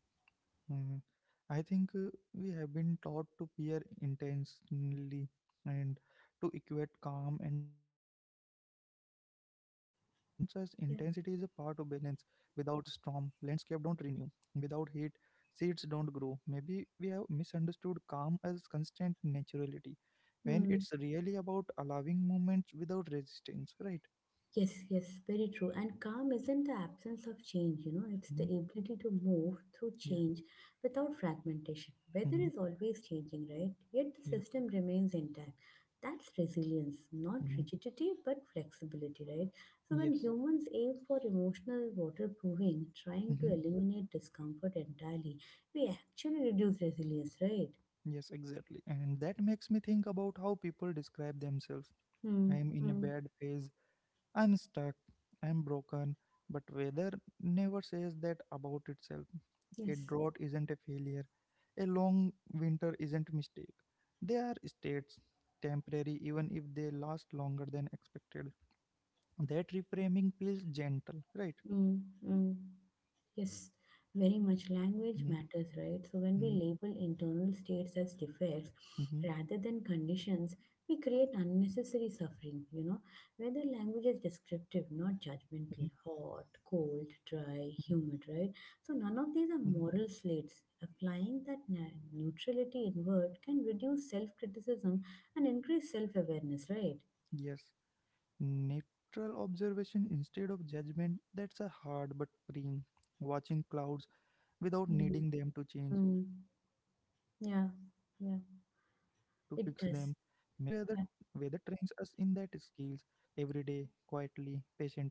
A: Mm, I think we have been taught to peer intentionally and to equate calm and health, but weather reminds us intensity is a part of
B: Yeah.
A: balance. Without storm, landscape don't renew. Without heat, seeds don't grow. Maybe we have misunderstood calm as constant naturality, when
B: Hmm.
A: it's really about allowing movements without resistance, right?
B: Yes, yes, very true. And calm isn't the absence of change, it's the
A: Hmm.
B: ability to move through
A: Yeah.
B: change without fragmentation. Weather
A: Hmm.
B: is always changing, right? Yet the
A: Yeah.
B: system remains intact. That's resilience, not
A: Hmm.
B: rigidity, but flexibility, right? So when
A: Yes.
B: humans aim for emotional waterproofing, trying to
A: Mm-hmm.
B: eliminate discomfort entirely, we actually reduce resilience, right?
A: Yes, exactly. And that makes me think about how people describe themselves.
B: Hmm.
A: I'm in a
B: Hmm.
A: bad phase, I'm stuck, I'm broken, but weather never says that about itself. A
B: Yes.
A: drought isn't a failure, a long winter isn't a mistake. They are states, temporary, even if they last longer than expected. That reframing feels gentle, right?
B: Hmm. Hmm. Yes, very much language
A: Mm-hmm,
B: matters, right? So when we
A: mm-hmm,
B: label internal states as defects
A: mm-hmm,
B: rather than conditions, we create unnecessary suffering, Whether language is descriptive, not judgmental, hot, cold,
A: mm-hmm,
B: dry, humid, right? So none of
A: mm-hmm.
B: these are moral slates. Applying that neutrality inward can reduce self criticism and increase self awareness, right?
A: Yes. Neutral observation instead of judgment, that's a hard but freeing. Watching clouds without
B: Mm.
A: needing them to change.
B: Mm.
A: Watching thoughts without
B: Yeah,
A: needing to
B: yeah,
A: fix them. Maybe
B: it
A: weather
B: does.
A: weather
B: Yeah.
A: trains us in that skills every day, quietly, patiently,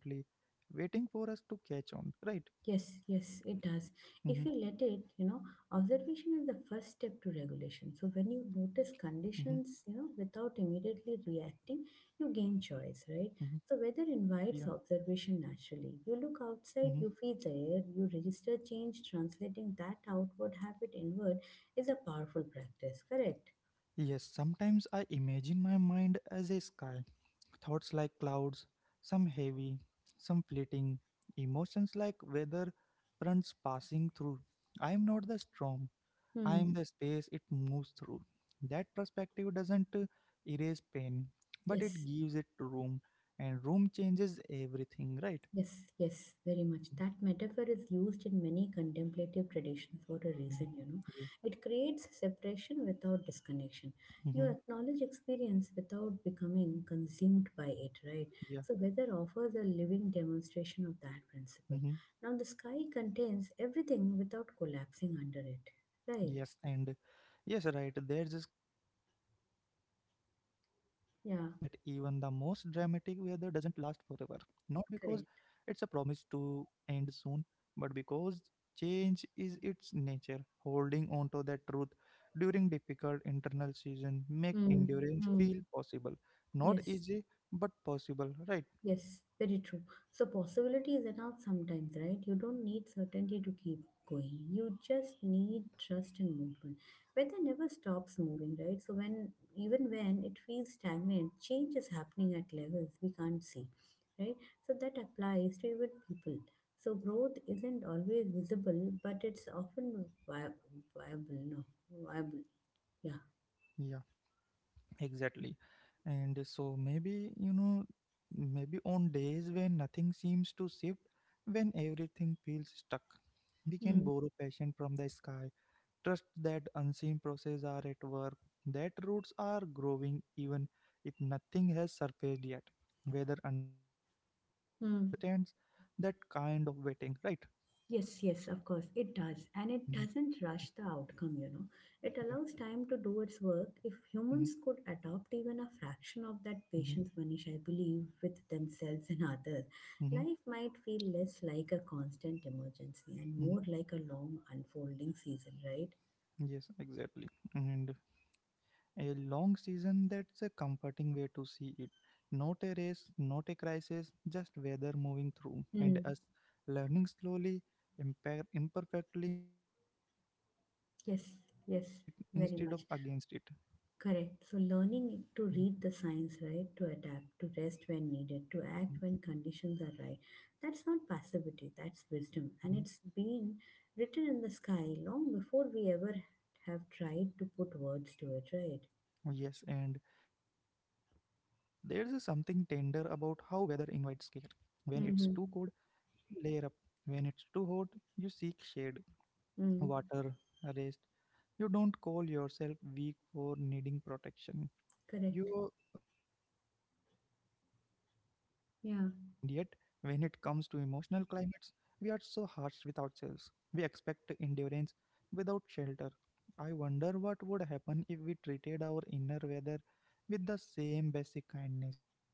A: waiting for us to catch on. Right?
B: Yes, yes, it does.
A: Mm-hmm,
B: If you let it, observation is the first step to regulation. So
A: mm-hmm,
B: when you notice conditions, without immediately reacting, you gain choice,
A: mm-hmm,
B: right? So weather
A: yeah.
B: invites observation naturally. You look
A: Mm-hmm.
B: outside, you feel the air, you register change. Translating that outward habit inward is a powerful practice, correct?
A: Yes, sometimes I imagine my mind as a sky. Thoughts like clouds, some heavy, some fleeting. Emotions like weather fronts passing through. I am not the storm, I
B: Hmm.
A: am the space it moves through. That perspective doesn't erase pain, but it
B: Yes.
A: gives it room, and room changes everything, right?
B: Yes, yes, very much. That metaphor is used in many contemplative traditions for a
A: Mhm.
B: reason,
A: Yeah.
B: It creates separation without disconnection. You
A: Hmm.
B: acknowledge experience without becoming consumed by it, right?
A: Yeah.
B: So, weather offers a living demonstration of that principle.
A: Hmm.
B: Now, the sky contains everything without collapsing under it, right?
A: Yes, and yes, right. There's this comfort in knowing that even the most
B: Yeah,
A: dramatic weather doesn't last forever. Not because it's a
B: correct.
A: promise to end soon, but because change is its nature. Holding on to that truth during difficult internal season make
B: Mm,
A: endurance
B: mm,
A: feel possible. Not
B: yes.
A: easy, but possible, right?
B: Yes, very true. So possibility is enough sometimes, right? You don't need certainty to keep going. You just need trust in movement. Weather never stops moving, right? So when even when it feels stagnant, change is happening at levels we can't see, right? So that applies to even people. So growth isn't always visible, but it's often viable. No, viable. Yeah.
A: Yeah. Exactly. And so maybe, maybe on days when nothing seems to shift, when everything feels stuck, we can
B: Hmm.
A: borrow passion from the sky, trust that unseen processes are at work, that roots are growing even if nothing has surfaced yet. Weather understands that
B: Hmm.
A: kind of waiting, right?
B: Yes, yes, of course, it does. And
A: hmm
B: it doesn't rush the outcome,
A: Yeah.
B: It allows time to do its work. If
A: hmm
B: humans could adopt even a fraction of that
A: hmm
B: patience, Manish, I believe, with themselves and others,
A: hmm
B: life might feel less like a constant emergency and
A: hmm
B: more like a long unfolding season, right?
A: Yes, exactly. And a long season, that's a comforting way to see it. Not a race, not a crisis, just weather moving through, and
B: Mm.
A: us learning slowly, imperfectly, to move with it instead
B: Yes,
A: of
B: yes,
A: against it.
B: very much. Correct. So,
A: Mhm,
B: learning to read the signs, right, to adapt, to rest when needed, to
A: mhm,
B: act when conditions are right, that's not passivity, that's wisdom. And
A: mhm.
B: it's been written in the sky long before we ever have tried to put words to it, right?
A: Yes, and there's a something tender about how weather invites care. When it's too cold,
B: Mm-hmm.
A: you layer up. When it's too hot, you seek shade,
B: Mm,
A: water, rest. You don't call yourself weak for needing protection.
B: correct.
A: You respond instinctively. And yet, when it
B: Yeah.
A: comes to emotional climates, we are so harsh with ourselves. We expect endurance without shelter. I wonder what would happen if we treated our inner weather with the same basic kindness, right?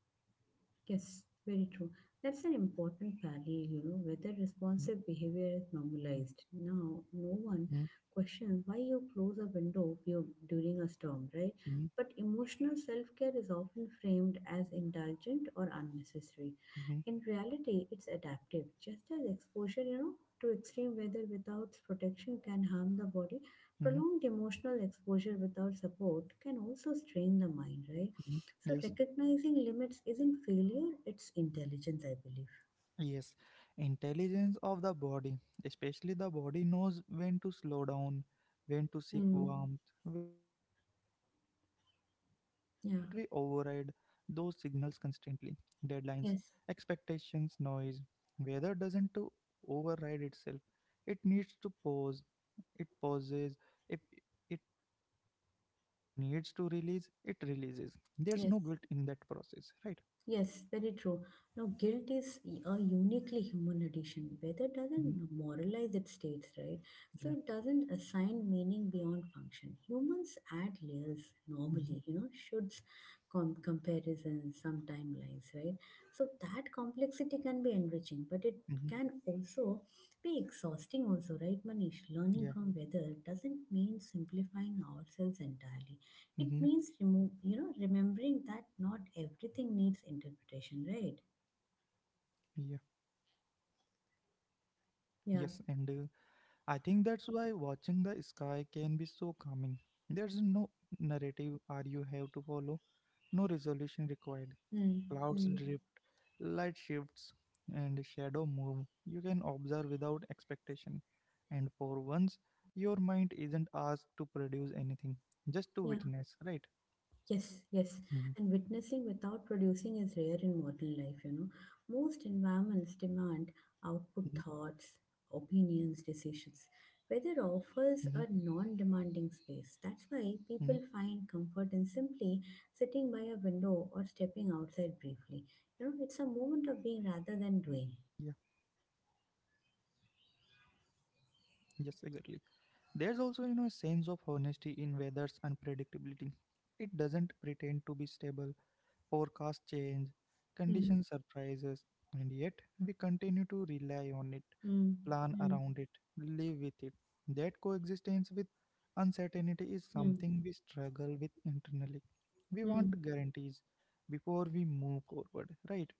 B: Yes, very true. That's an important parallel,
A: Mm,
B: whether responsive behavior is
A: mm,
B: normalized. Now, no
A: mm,
B: one questions why you close a window during a storm, right?
A: mm,
B: But emotional self care is often framed as indulgent or unnecessary.
A: mm,
B: In reality, it's adaptive, just as exposure, to extreme weather without protection can harm the body,
A: mm,
B: prolonged emotional exposure without support can also strain the mind, right?
A: mm.
B: So
A: Yes.
B: recognizing limits isn't failure, it's intelligence, I believe.
A: Yes, intelligence of the body, especially the body, knows when to slow down, when to seek
B: Mm.
A: warmth, when to cool off. But we override
B: Yeah,
A: those signals constantly. Deadlines,
B: yes,
A: expectations, noise. Weather doesn't to override itself. It needs to pause. It pauses. If it needs to release, it releases. There's no guilt in
B: yes.
A: that process, right?
B: Yes, very true. Now, guilt is a uniquely human addition. Weather
A: Mhm.
B: doesn't moralize its states, right? So
A: Yeah.
B: it doesn't assign meaning beyond function. Humans add layers normally,
A: hmm
B: shoulds, comparisons, some timelines, right? So that complexity can be enriching, but it can
A: hmm
B: also be exhausting also, right Manish? Learning from
A: Yeah.
B: weather doesn't mean simplifying ourselves entirely, it means
A: hmm
B: remove, remembering that not everything needs interpretation, right?
A: Yeah. Yes,
B: Yeah.
A: and I think that's why watching the sky can be so calming. There's no narrative or you have to follow, no resolution required.
B: Hmm.
A: Clouds
B: Mm.
A: drift, light shifts, and shadow move. You can observe without expectation. And for once, your mind isn't asked to produce anything, just to
B: Yeah.
A: witness, right?
B: Yes. Yes.
A: Mm-hmm.
B: And witnessing without producing is rare in modern life. Most environments
A: Mm-hmm.
B: demand output, thoughts, opinions, decisions. Weather
A: Mm-hmm.
B: offers a non-demanding space. That's why
A: Mm-hmm.
B: people find comfort in simply sitting by a window or stepping outside briefly.
A: Mm-hmm.
B: It's a moment of
A: Yeah,
B: being rather than doing.
A: yes, exactly. There's also, a sense of honesty in weather's unpredictability. It doesn't pretend to be stable, forecast change, condition surprises, and yet we continue to rely on it,
B: Mm,
A: plan
B: mm,
A: around it, live with it. That coexistence with uncertainty is
B: mm,
A: something we struggle with internally. We want
B: mm.
A: guarantees before we move forward, right?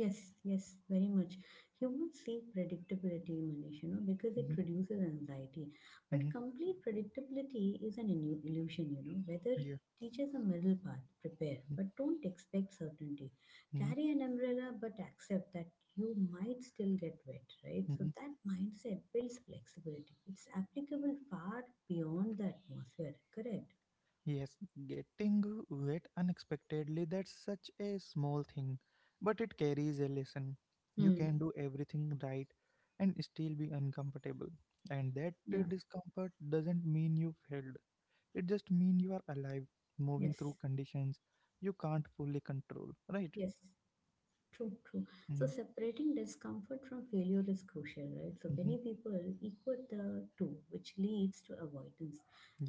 B: Yes, yes, very much. Humans seek predictability, Manish, because it
A: hmm
B: reduces anxiety. But
A: hmm
B: complete predictability is an illusion, Weather
A: Yeah.
B: teaches a middle path, prepare, but don't expect certainty.
A: hmm
B: Carry an umbrella, but accept that you might still get wet, right? So that mindset builds flexibility. It's applicable far beyond the atmosphere, correct?
A: Yes, getting wet unexpectedly, that's such a small thing, but it carries a lesson. You
B: Mm.
A: can do everything right and still be uncomfortable. And that
B: Yeah,
A: discomfort doesn't mean you failed. It just means you are alive, moving
B: yes,
A: through conditions you can't fully control, right?
B: yes. True, true. So
A: Mm-hmm.
B: separating discomfort from failure is crucial, right? So many people equate the two, which leads to avoidance.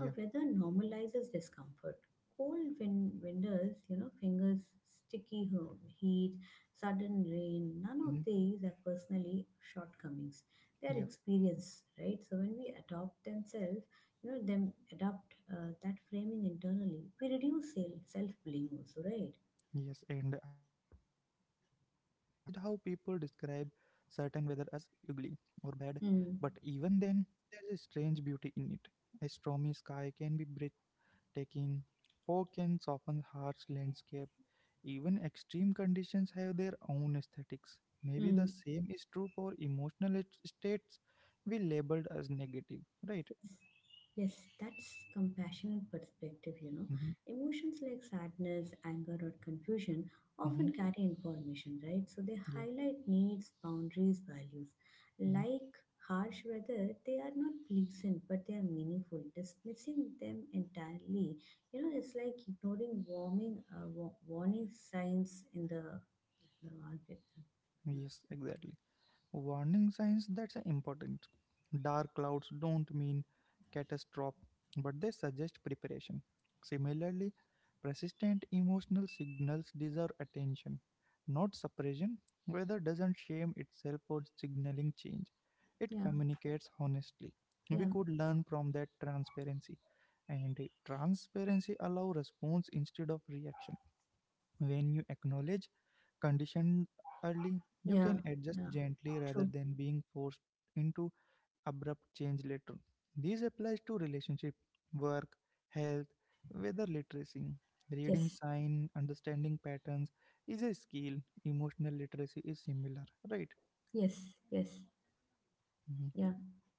B: Now, weather normalizes discomfort. Cold winters, fingers, sticky heat, sudden rain, none
A: Mm-hmm.
B: of these are personally shortcomings. They are
A: Yeah.
B: experience, right? So when we adopt themselves, you know, them adopt that framing internally, we reduce self blame also, right?
A: Yes, and I have noticed how people describe certain weather as ugly or bad, but
B: Hmm.
A: even then, there's a strange beauty in it. A stormy sky can be breathtaking, fog can soften harsh landscape, even extreme conditions have their own aesthetics. Maybe the
B: Hmm.
A: same is true for emotional states we labeled as negative, right?
B: Yes, that's compassionate perspective,
A: Mm-hmm.
B: Emotions like sadness, anger, or confusion
A: Mm-hmm.
B: often carry information, right? So they
A: Yeah.
B: highlight needs, boundaries, values.
A: Mm-hmm.
B: Like harsh weather, they are not pleasant, but they are meaningful. Dismissing them entirely, it's like ignoring warming, warning signs in the market.
A: Yes, exactly. Warning signs that's important. Dark clouds don't mean catastrophe, but they suggest preparation. Similarly, persistent emotional signals deserve attention, not suppression. Weather doesn't shame itself for signaling change, it
B: Yeah,
A: communicates honestly. We
B: yeah,
A: could learn from that transparency, and transparency allows response instead of reaction. When you acknowledge conditioned early, you
B: yeah,
A: can adjust
B: yeah.
A: gently rather
B: True.
A: than being forced into abrupt change later. This applies to relationship, work, health, whether literacy. Reading
B: Yes,
A: sign, understanding patterns is a skill. Emotional literacy is similar, right?
B: yes, yes.
A: Mhm.
B: Yeah,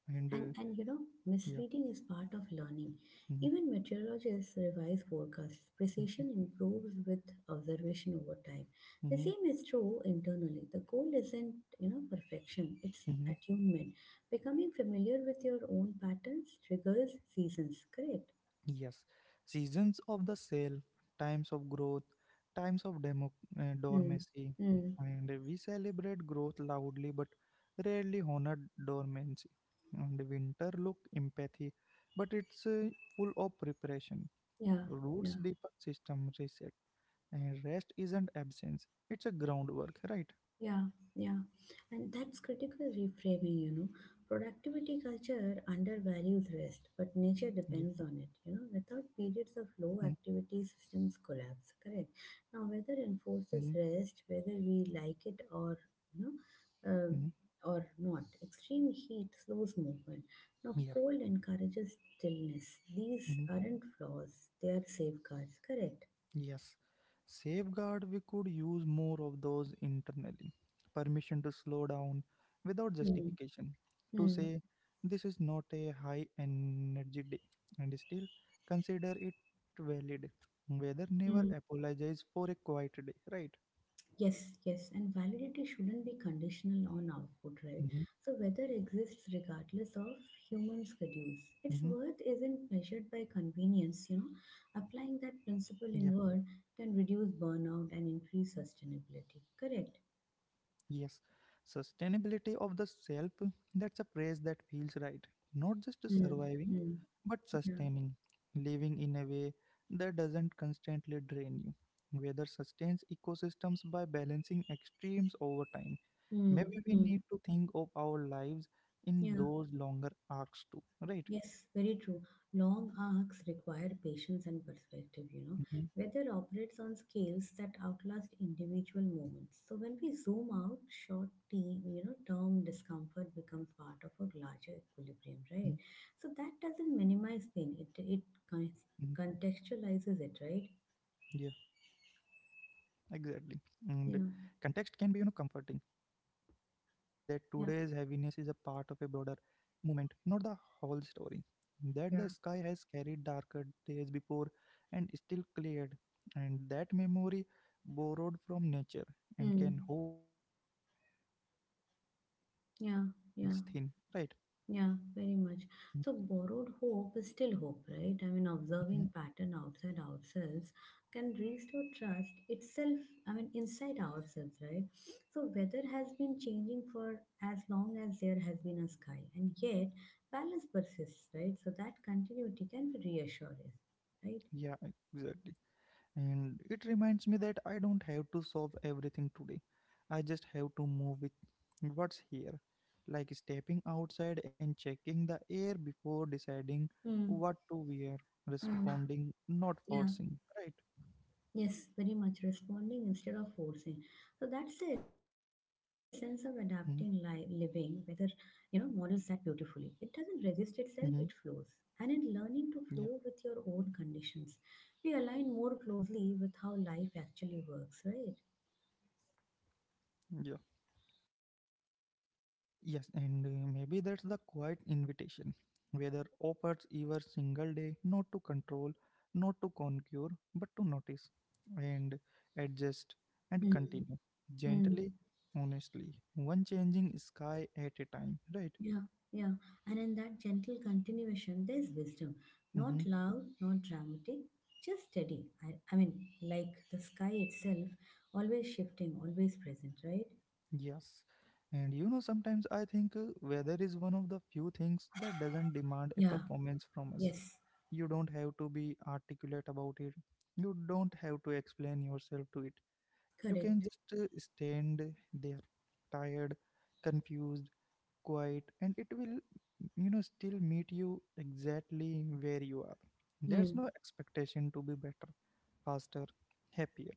A: And
B: and,
A: yeah.
B: misreading is part of learning.
A: Mm-hmm.
B: Even meteorologists revise forecasts.
A: Mm-hmm.
B: Precision improves with observation over time. The
A: Mm-hmm.
B: same is true internally. The goal isn't, perfection; it's
A: Mm-hmm.
B: attunement. Becoming familiar with your own patterns triggers seasons. Correct.
A: Yes, seasons of the sale, times of growth, times of demo,
B: Mm.
A: dormancy,
B: Mm.
A: and we celebrate growth loudly but rarely honor dormancy. And winter look empathy, but it's full of preparation.
B: Yeah.
A: Roots
B: Yeah.
A: deepen, system reset, and rest isn't absence; it's a groundwork, right?
B: Yeah, yeah. And that's critical reframing,
A: Mm-hmm.
B: Productivity culture undervalues
A: Yeah.
B: rest, but nature depends on it. Without periods
A: Mm-hmm.
B: of low activity, systems collapse. Correct. Now, weather
A: Mm-hmm.
B: enforces rest, whether we like it or, you know, um
A: Mm-hmm.
B: or not. Extreme heat slows movement. Now,
A: Yeah.
B: cold encourages stillness. These
A: Mm-hmm.
B: aren't flaws, they are safeguards. Correct.
A: Yes, safeguard we could use more of those internally. Permission to slow down without
B: Hmm.
A: justification. To say this is not a high energy day and still consider it valid. Whether
B: Hmm.
A: never apologize for a quiet day, right?
B: Yes, yes, and validity shouldn't be conditional on output, right?
A: Mm-hmm.
B: So weather exists regardless of human schedules. Its
A: Mm-hmm.
B: worth isn't measured by convenience,
A: Yeah.
B: Applying that principle inward can reduce burnout and increase sustainability. Correct.
A: Yes, sustainability of the self, that's a phrase that feels right. Not just
B: Mm,
A: surviving,
B: mm,
A: but
B: yeah.
A: sustaining, living in a way that doesn't constantly drain you. Weather sustains ecosystems by balancing extremes over time. Maybe
B: Mm,
A: we need
B: mm,
A: to think of our lives in
B: yeah.
A: those longer arcs too, right?
B: Yes, very true. Long arcs require patience and perspective,
A: Mm-hmm,
B: Weather operates on scales that outlast individual moments. So when we
A: mm-hmm,
B: zoom out,
A: yeah.
B: short term, term discomfort becomes part of a
A: Mm-hmm,
B: larger equilibrium, right? So that doesn't minimize pain. It con-
A: mm-hmm.
B: contextualizes it, right?
A: Yeah, exactly. And context can
B: Yeah,
A: be, comforting, knowing that today's heaviness is a part of
B: yeah,
A: a broader movement, not the whole story. That the sky
B: yeah.
A: has carried darker days before and still cleared, and that memory borrowed from nature and
B: Hmm.
A: can hold us when our own hope feels thin, right?
B: Yeah, yeah. Yeah, very much. So borrowed hope is still hope, right? I mean,
A: Mm-hmm.
B: observing pattern outside ourselves can restore trust itself, I mean, inside ourselves, right? So weather has been changing for as long as there has been a sky, and yet balance persists, right? So that continuity can be reassuring, right?
A: Yeah, exactly. And it reminds me that I don't have to solve everything today. I just have to move with what's here. Like stepping outside and checking the air before deciding
B: Hmm.
A: what to wear,
B: Hmm.
A: responding, not
B: Yeah.
A: forcing. Right?
B: Yes, very much responding instead of forcing. So that's the essence of
A: Mm-hmm.
B: adapting living, whether models that beautifully. It doesn't resist
A: Mm-hmm.
B: itself, it flows. And in
A: Yeah.
B: learning to flow with your own conditions, we align more closely with how life actually
A: Mm-hmm.
B: works, right?
A: Yeah. Yes, and maybe that's the quiet invitation. Whether offers your single day, not to control, not to conquer, but to notice and adjust and
B: Hmm.
A: continue
B: Hmm.
A: gently, honestly, one changing sky at a time, right?
B: Yeah, yeah. And in that gentle continuation, there's wisdom.
A: hmm
B: Not loud, not dramatic, just steady. I mean, like the sky itself, always shifting, always present, right?
A: Yes, and sometimes I think weather is one of the few things that doesn't demand a
B: Yeah,
A: performance from us.
B: yes,
A: You don't have to be articulate about it, you don't have to explain yourself to it. You can
B: correct.
A: just stand there, tired, confused, quiet, and it will, still meet you exactly where you are. There's
B: Hmm.
A: no expectation to be better, faster, happier.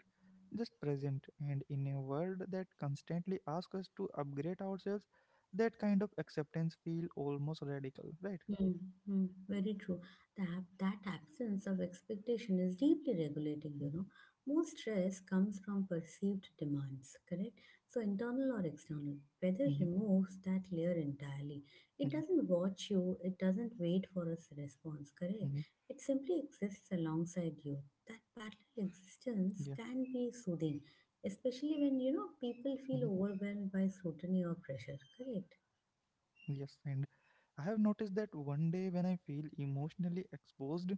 A: Just present, and in a world that constantly asks us to upgrade ourselves, that kind of acceptance feel almost radical, right?
B: Mm, mm, very true. That absence of expectation is deeply regulating,
A: Mm-hmm.
B: Most stress comes from perceived demands, correct? So internal or external. Weather
A: Mm-hmm.
B: removes that layer entirely. It
A: Yeah.
B: doesn't watch you, it doesn't wait for a response, correct?
A: Mm-hmm.
B: It simply exists alongside you. That
A: Yeah.
B: parallel existence can be soothing, especially when
A: Mm-hmm.
B: people feel overwhelmed by scrutiny or pressure, correct?
A: Yes, and I have noticed that one day when I feel emotionally exposed,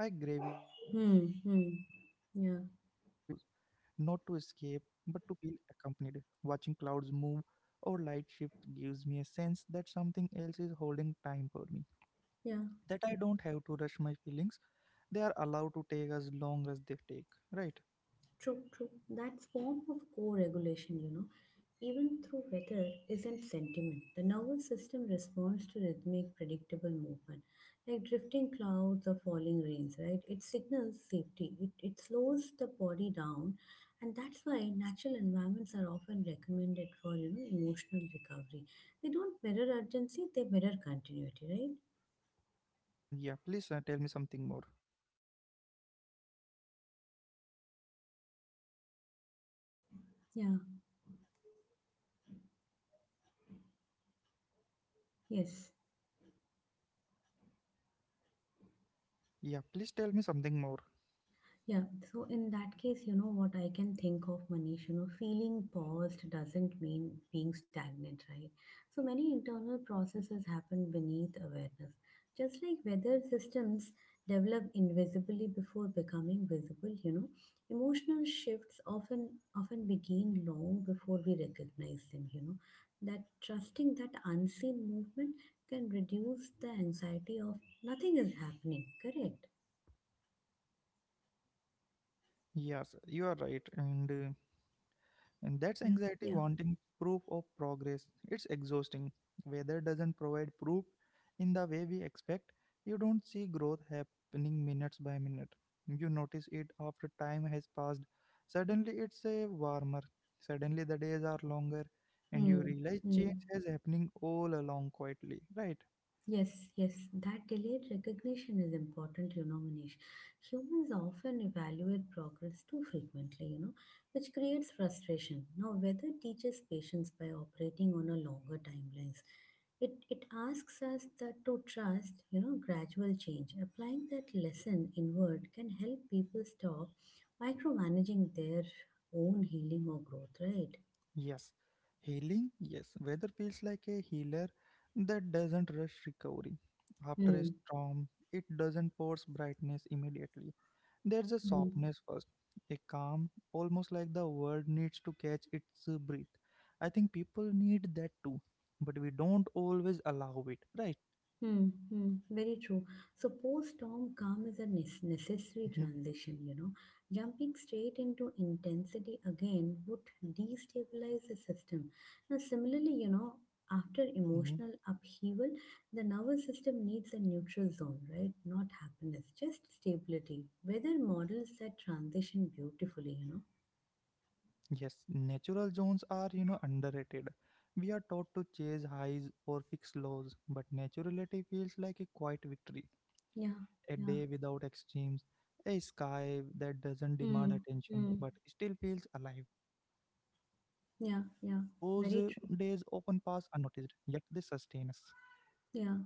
A: I gravitate
B: Hmm,
A: toward
B: hmm.
A: windows,
B: Yeah,
A: not to escape, but to feel accompanied. Watching clouds move or light shift gives me a sense that something else is holding time for me.
B: yeah.
A: That I don't have to rush my feelings, they are allowed to take as long as they take. Right?
B: True, true. That form of co-regulation, even through weather isn't sentiment. The nervous system responds to rhythmic, predictable movement, like drifting clouds or falling rains, right? It signals safety. It slows the body down, and that's why natural environments are often recommended for, emotional recovery. They don't mirror urgency, they mirror continuity, right?
A: Yeah, please tell me something more.
B: Yeah, yes.
A: Yeah, please tell me something more.
B: Yeah, so in that case, what I can think of, Manish, feeling paused doesn't mean being stagnant, right? So many internal processes happen beneath awareness. Just like weather systems develop invisibly before becoming visible, emotional shifts often begin long before we recognize them, That trusting that unseen movement can reduce the anxiety of nothing is happening, correct?
A: Yes, you are right. And that's
B: Yeah,
A: anxiety
B: yeah.
A: wanting proof of progress. It's exhausting. Weather doesn't provide proof in the way we expect. You don't see growth happening minutes by minute. You notice it after time has passed. Suddenly it's a warmer. Suddenly the days are longer and you
B: Hmm.
A: realize change
B: Hmm.
A: is happening all along quietly, right?
B: Yes, yes, that delayed recognition is important, Manish. Humans often evaluate progress too frequently, which creates frustration. Now, weather teaches patience by operating on a longer timelines. It asks us that to trust, gradual change. Applying that lesson inward can help people stop micromanaging their own healing or growth, right?
A: Yes, healing, yes. Weather feels like a healer that doesn't rush recovery. After a
B: Hmm.
A: storm, it doesn't force brightness immediately. There's a
B: Hmm.
A: softness first, a calm, almost like the world needs to catch its breath. I think people need that too, but we don't always allow it, right?
B: Hmm, hmm, very true. So post-storm calm is a necessary
A: hmm
B: transition, Jumping straight into intensity again would destabilize the system. Now, similarly,
A: hmm
B: after emotional upheaval, the nervous system needs a neutral zone, right? Not happiness, just stability. Weather models that transition beautifully,
A: Yes, natural zones are, underrated. We are taught to chase highs or fix lows, but naturality feels like a quiet victory,
B: Yeah,
A: a
B: yeah.
A: day without extremes, a sky that doesn't demand
B: Hmm,
A: attention
B: hmm,
A: but still feels alive. Those
B: yeah,
A: days
B: yeah.
A: often pass
B: Very true.
A: unnoticed, yet they sustain us.
B: Yeah.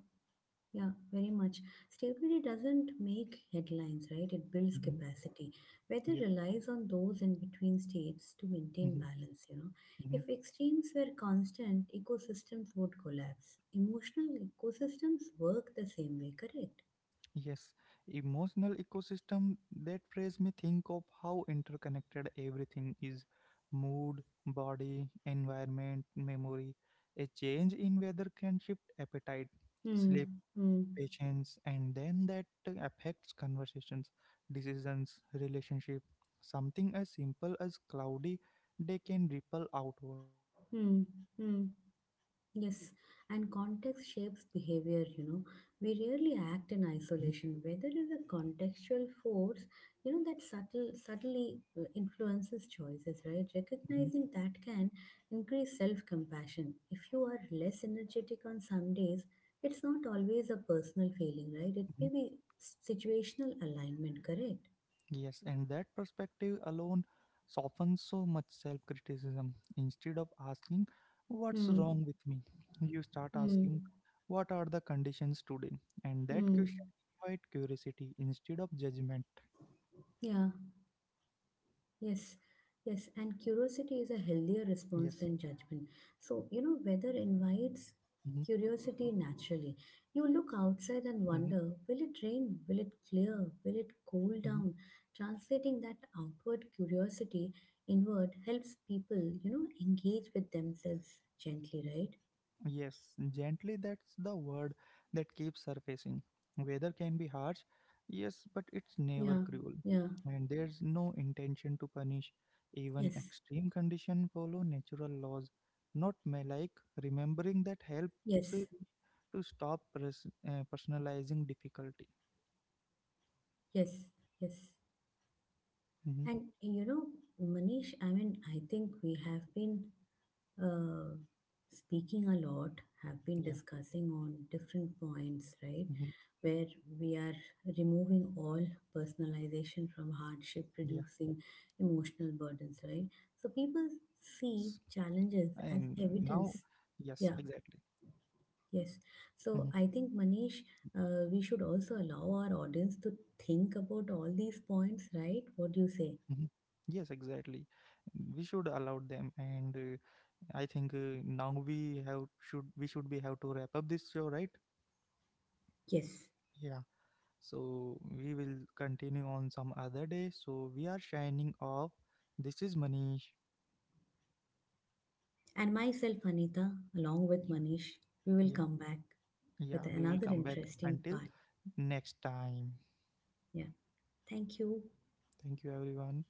B: Yeah, very much. Stability doesn't make headlines, right? It
A: hmm
B: builds capacity.
A: Yeah.
B: Weather relies on those in between states to maintain
A: hmm
B: balance,
A: hmm
B: If extremes were constant, ecosystems would collapse. Emotional ecosystems work the same way, correct?
A: Yes, emotional ecosystem. That phrase me think of how interconnected everything is: mood, body, environment, memory. A change in weather can shift appetite, sleep,
B: Hmm, hmm,
A: patience, and then that affects conversations, decisions, relationship. Something as simple as cloudy day can ripple outward, right?
B: hmm, hmm. Yes, and context shapes behavior, We rarely
A: Mhm,
B: act in isolation. Whether is a contextual force, that subtle subtly influences choices, right?
A: mhm,
B: Recognizing that can increase self-compassion. If you are less energetic on some days, it's not always a personal failing, right? It may
A: mhm.
B: be situational alignment, correct?
A: Yes, and that perspective alone softens so much self-criticism. Instead of asking what's
B: Hmm.
A: wrong with me, you start
B: Hmm.
A: asking what are the conditions today, and that
B: Hmm.
A: question invite curiosity instead of judgment.
B: Yeah. Yes,
A: Mhm,
B: yes, and
A: yes,
B: curiosity is a healthier response than judgment. So, weather invites
A: mm-hmm,
B: curiosity naturally. You look outside
A: mm-hmm,
B: and wonder, will it rain? Will it clear? Will it cool
A: mm-hmm.
B: down? Translating that outward curiosity inward helps people, engage with themselves gently, right?
A: Yes, gently, that's the word that keeps surfacing. Weather can be harsh, yes, but it's never
B: Yeah,
A: cruel.
B: yeah,
A: And there's no intention to punish. Even
B: yes,
A: extreme conditions follow natural laws, not malike. Remembering that helps me
B: yes,
A: to stop personalizing difficulty.
B: yes, yes.
A: hmm
B: And, Manish, I mean, I think we have been uh, speaking a lot, have been
A: Yeah,
B: discussing on different points, right,
A: hmm
B: where we are removing all personalization from hardship,
A: yeah,
B: reducing emotional burdens, right?
A: yes.
B: So people
A: And
B: see
A: now,
B: challenges as
A: yes,
B: evidence.
A: exactly.
B: Yeah, yes.
A: Mm-hmm.
B: So I think Manish, we should also allow our audience to think about all these points, right? What do you say?
A: Mhm. Yes, exactly. We should allow them, and I think now we have should we should be have to wrap up this show, right?
B: Yes.
A: Yeah. So we will continue on some other day. So we are shining off. This is Manish.
B: And myself, Anita, along with
A: Yeah,
B: Manish, we will
A: yeah,
B: come back with
A: yeah. We will
B: another
A: come back
B: interesting
A: until
B: part.
A: next time.
B: Yeah. Thank you.
A: Thank you, everyone.